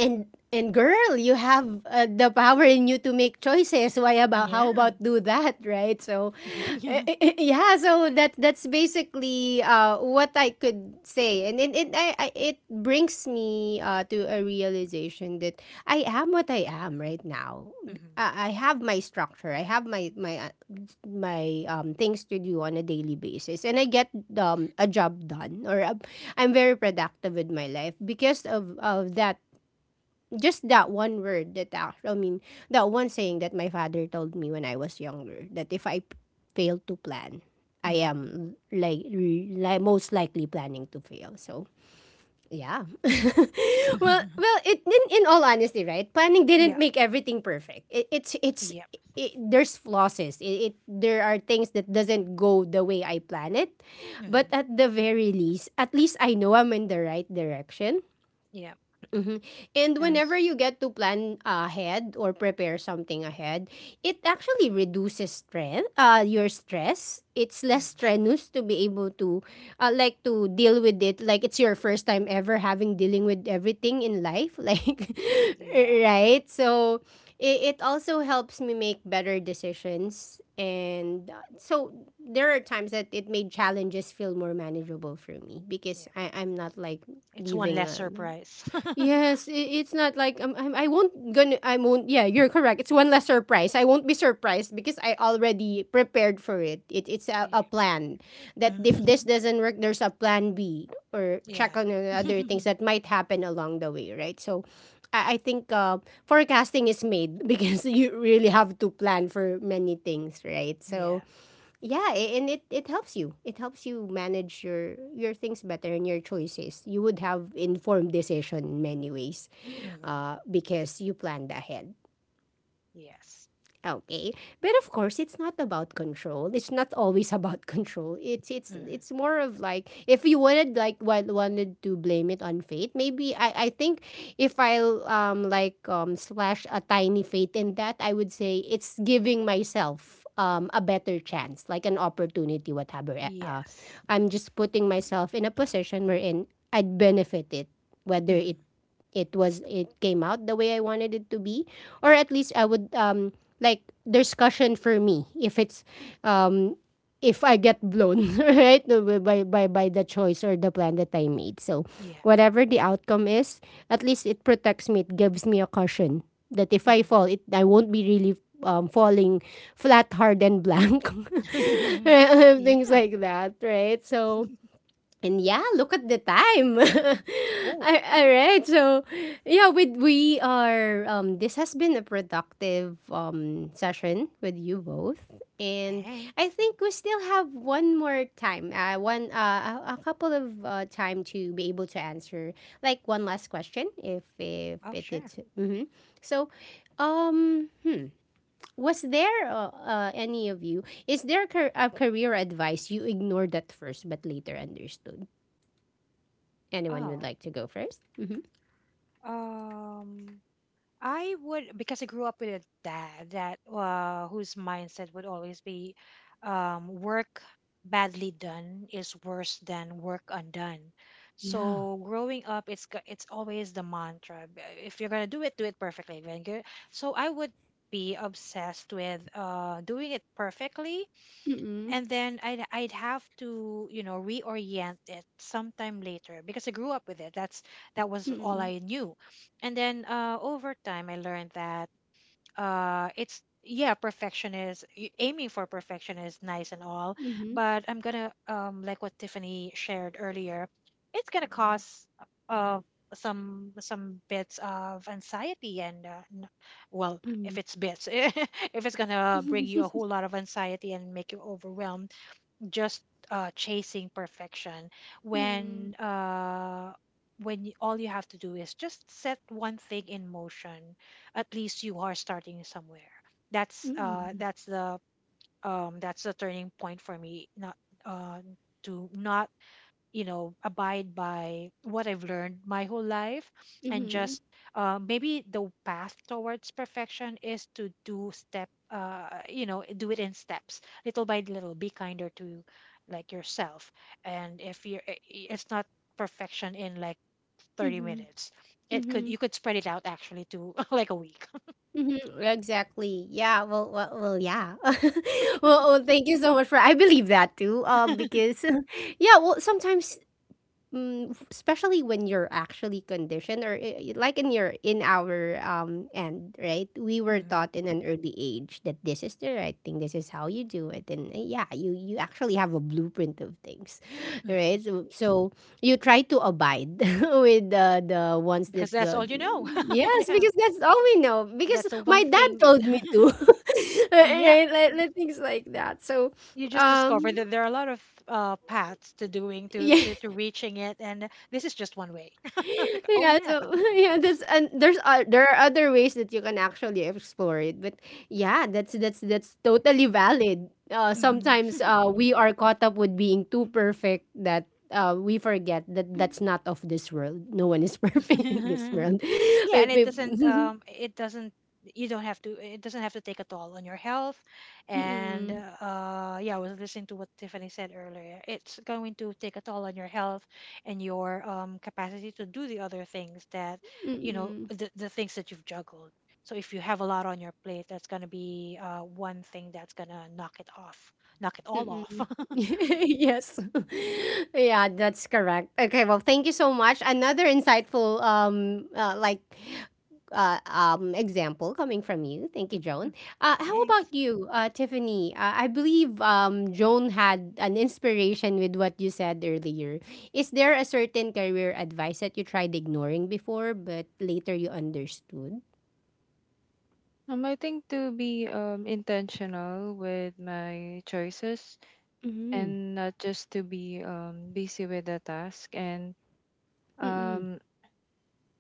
A: and and girl, you have uh, the power in you to make choices, why about
B: Yeah.
A: how about do that, right? So eh,
B: Yeah.
A: eh, eh, yeah, so that that's basically uh, what I could say, and it it, I, I, it brings me uh, to a realization that I am what I am right now. I
B: Mm-hmm.
A: I have my structure. I have my my uh, my um things to do on a daily basis, and I get um a job done, or um, I'm very productive with my life because of of that, just that one word that I, I mean that one saying that my father told me when I was younger, that if I p- fail to plan, I
B: Mm-hmm.
A: am like li- most likely planning to fail. So yeah, well, well, it in, in all honesty, right? Planning
B: Yeah.
A: didn't make everything perfect. It, it's it's
B: Yeah.
A: it, there's flosses. It, it there are things that doesn't go the way I plan it, but
B: Mm-hmm.
A: at the very least, at least I know I'm in the right direction.
B: Yeah.
A: Mhm. And whenever
C: Yes.
A: you get to plan ahead or prepare something ahead, it actually reduces stress, uh, your stress. It's less
B: Mm-hmm.
A: strenuous to be able to, uh, like, to deal with it. Like, it's your first time ever having dealing with everything in life. Like,
B: Yeah.
A: right? So, it, it also helps me make better decisions. And uh, so, there are times that it made challenges feel more manageable for me, because
B: Yeah.
A: I, I'm not like
B: It's one
A: leaving
B: less
A: a.
B: surprise.
A: Yes, i- it's not like um, I'm, I won't gonna I won't. Yeah, you're correct. It's one less surprise. I won't be surprised because I already prepared for it. it it's a, a plan that
B: Mhm.
A: if this doesn't work, there's a plan B, or
B: Yeah.
A: check on the other things that might happen along the way, right? So. I I think uh, forecasting is made because you really have to plan for many things, right?
B: Yeah.
A: So, yeah, a- and it, it helps you. It helps you manage your your things better, and your choices. You would have informed decision in many ways,
B: Mm-hmm.
A: uh, because you planned ahead.
B: Yes.
A: Okay. But of course, it's not about control. It's not always about control. It's it's
B: Mm-hmm.
A: it's more of like, if you wanted like wa- wanted to blame it on fate, maybe I I think, if I'll um like um slash a tiny fate in that, I would say it's giving myself um a better chance, like an opportunity whatever. eh, Uh,
B: Yes.
A: I'm just putting myself in a position wherein I'd benefit it, whether it
B: Mm-hmm.
A: it was it came out the way I wanted it to be, or at least I would um like there's cushion for me if it's um if I get blown right by by by the choice or the plan that I made. So
B: Yeah.
A: whatever the outcome is, at least it protects me. It gives me a cushion that if I
B: Mhm.
A: fall, it I won't be really um, falling flat, hard, and blank. Things
B: Yeah.
A: like that, right? So and yeah, look at the time.
B: Oh,
A: Al- Alright, so yeah, We we are um this has been a productive um session with you both. And I
B: thanks.
A: think we still have one more time. Uh one uh A, a couple of uh time to be able to answer like one last question, if if
B: Oh,
A: it
B: sure.
A: is, mm-hmm. So um hmm, was there uh, uh, any of you, is there a, car- a career advice you ignored at first but later understood? Anyone would
B: Oh,
A: like to go first? Mm-hmm.
B: um, I would, because I grew up with a dad that uh whose mindset would always be, um, work badly done is worse than work undone.
A: Yeah.
B: So growing up, it's g- it's always the mantra. b- If you're gonna do it, do it perfectly. If you... So I would be obsessed with uh doing it perfectly,
A: Mm-mm.
B: and then I'd I'd have to you know reorient it sometime later because I grew up with it. That's that was all
A: Mm-mm.
B: I knew, and then uh, over time I learned that uh, it's yeah perfection is y- aiming for perfection is nice and all,
A: Mm-hmm.
B: but I'm gonna um like what Tiffany shared earlier, it's gonna hmm cause uh some some bits of anxiety and uh, n- well, if
A: Mm-hmm.
B: it's bits if it's gonna bring you
A: Mm-mm.
B: a whole lot of anxiety and make you overwhelmed just uh, chasing perfection when
A: Mm-mm.
B: uh, when you, all you have to do is just set one thing in motion, at least you are starting somewhere. That's uh, that's the um, that's the turning point for me, not uh, to not you know abide by what I've learned my whole life and
A: Mm-hmm.
B: just uh, maybe the path towards perfection is to do step uh, you know do it in steps little by little, be kinder to like yourself. And if you're i- i- it's not perfection in like thirty
A: Mm-hmm.
B: minutes, it could
A: Mm-hmm.
B: you could spread it out actually to like a week.
A: Mm-hmm. Exactly. Yeah. Well. Well. Well yeah. Well, well. Thank you so much for. I believe that too. Uh, because, yeah. Well, sometimes mm, f- especially when you're actually conditioned or i- i- like in your in our um end, right, we were
B: Mm-hmm.
A: taught in an early age that this is the right thing, this is how you do it, and uh, yeah, you you actually have a blueprint of things
B: Mm-hmm.
A: right, so, so you try to abide with the the ones
B: Because
A: that
B: that's
A: the
B: all you know.
A: yes,
B: Yeah,
A: because that's all we know, because
B: that's the one
A: my dad
B: thing.
A: told me to.
B: Yeah,
A: Right, like, like things like that, so
B: you just discover
A: um
B: that there are a lot of uh, paths to doing to,
A: yeah.
B: to to reaching it, and this is just one way. Like oh
A: Yeah,
B: yeah.
A: so yeah, that's and there's uh, there are other ways that you can actually explore it, but yeah, that's that's that's totally valid. Uh,
B: Hmm.
A: sometimes uh, we are caught up with being too perfect that uh, we forget that that's not of this world. No one is perfect in this
B: It
A: world. Wait, wait.
B: doesn't um it doesn't you don't have to it doesn't have to take a toll on your health. And
A: Mm-mm.
B: uh yeah I was listening to what Tiffany said earlier, it's going to take a toll on your health and your um capacity to do the other things that you know
A: Mm-mm.
B: th- the things that you've juggled. So if you have a lot on your plate, that's going to be uh one thing that's going to knock it off, knock it all off.
A: Mm-mm. Yes. Yeah, that's correct. Okay, well, thank you so much. Another insightful um uh, like uh, um example coming from you. Thank you, Joan. Uh, how
B: Thanks.
A: about you, uh, Tiffany? Uh, I believe um Joan had an inspiration with what you said earlier. Is there a certain career advice that you tried ignoring before but later you understood?
C: Um, I think to be um intentional with my choices
A: Mm-hmm.
C: and not just to be um busy with the task. And
A: Mm-mm.
C: Um,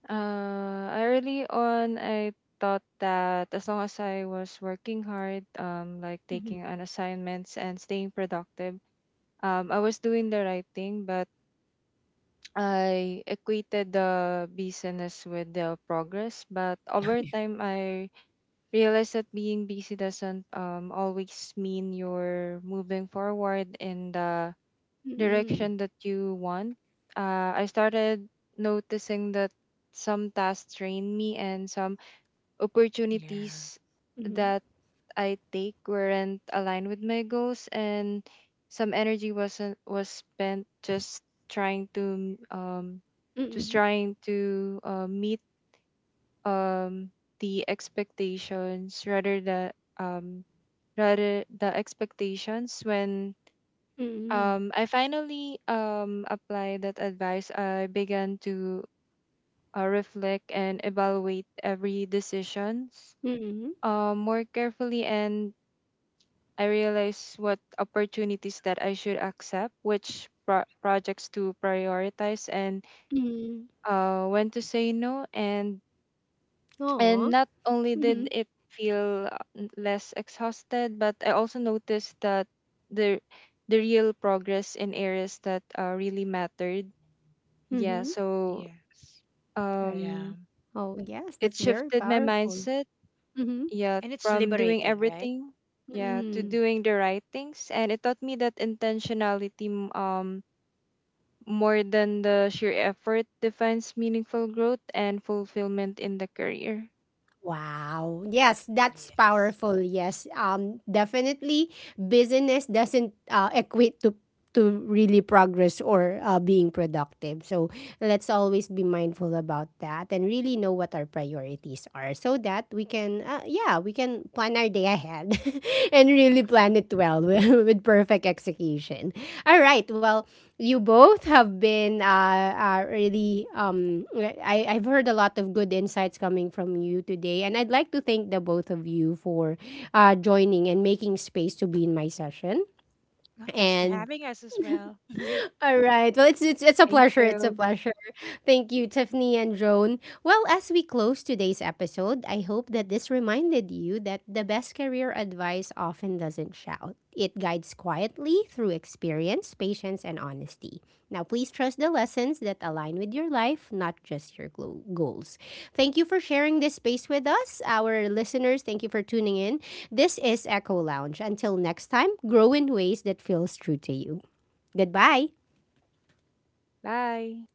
C: uh, Early on, I thought that as long as I was working hard, um, like
A: Mm-hmm.
C: taking on assignments and staying productive, um, I was doing the right thing, but I equated the busyness with the progress. But over time, I realized that being busy doesn't um, always mean you're moving forward in the
A: Mm-mm.
C: direction that you want. Uh, I started noticing that some tasks drained me, and some
B: Yeah.
C: opportunities
A: Mm-hmm.
C: that I take weren't aligned with my goals, and some energy wasn't was spent just trying to um just
A: Mm-mm.
C: trying to uh, meet um the expectations, rather than um rather the expectations. When,
A: Mm-mm.
C: um, I finally um, applied that advice, I began to uh, reflect and evaluate every decisions
A: Mm-mm.
C: uh, more carefully, and I realized what opportunities that I should accept, which pro- projects to prioritize, and
A: Mm.
C: uh, when to say no. And and
A: Aw.
C: not only did
A: Mhm.
C: it feel uh, n- less exhausted, but I also noticed that the the real progress in areas that uh, really mattered. Yeah,
A: Mhm.
B: Yeah,
C: so,
A: Ar
B: yeah.
C: um,
A: oh, like yes,
C: it
A: that's very
C: shifted my
A: powerful.
C: mindset,
A: Mhm.
C: yeah,
B: And it's
C: from
B: liberate.
C: doing everything, yeah, to
A: Mm.
C: doing the right things. And it taught me that intentionality, m- um more than the sheer effort, defines meaningful growth and fulfillment in the career.
A: Wow. Yes, that's powerful. Yes. Um, definitely business doesn't uh, equate to to really progress or uh, being productive. So let's always be mindful about that and really know what our priorities are, so that we can, uh, yeah, we can plan our day ahead and really plan it well with, with perfect execution. All right. Well, you both have been uh, uh really um, I, I've heard a lot of good insights coming from you today, and I'd like to thank the both of you for uh joining and making space to be in my session.
B: Oh, thanks for
A: And
B: having us as well.
A: all right. Well, it's, it's it's a
C: Thank
A: pleasure. It's a
C: you.
A: pleasure. Thank you, Tiffany and Joan. Well, as we close today's episode, I hope that this reminded you that the best career advice often doesn't shout. It guides quietly through experience, patience, and honesty. Now, please trust the lessons that align with your life, not just your glo- goals. Thank you for sharing this space with us. Our listeners, thank you for tuning in. This is Echo Lounge. Until next time, grow in ways that feels true to you. Goodbye.
C: Bye.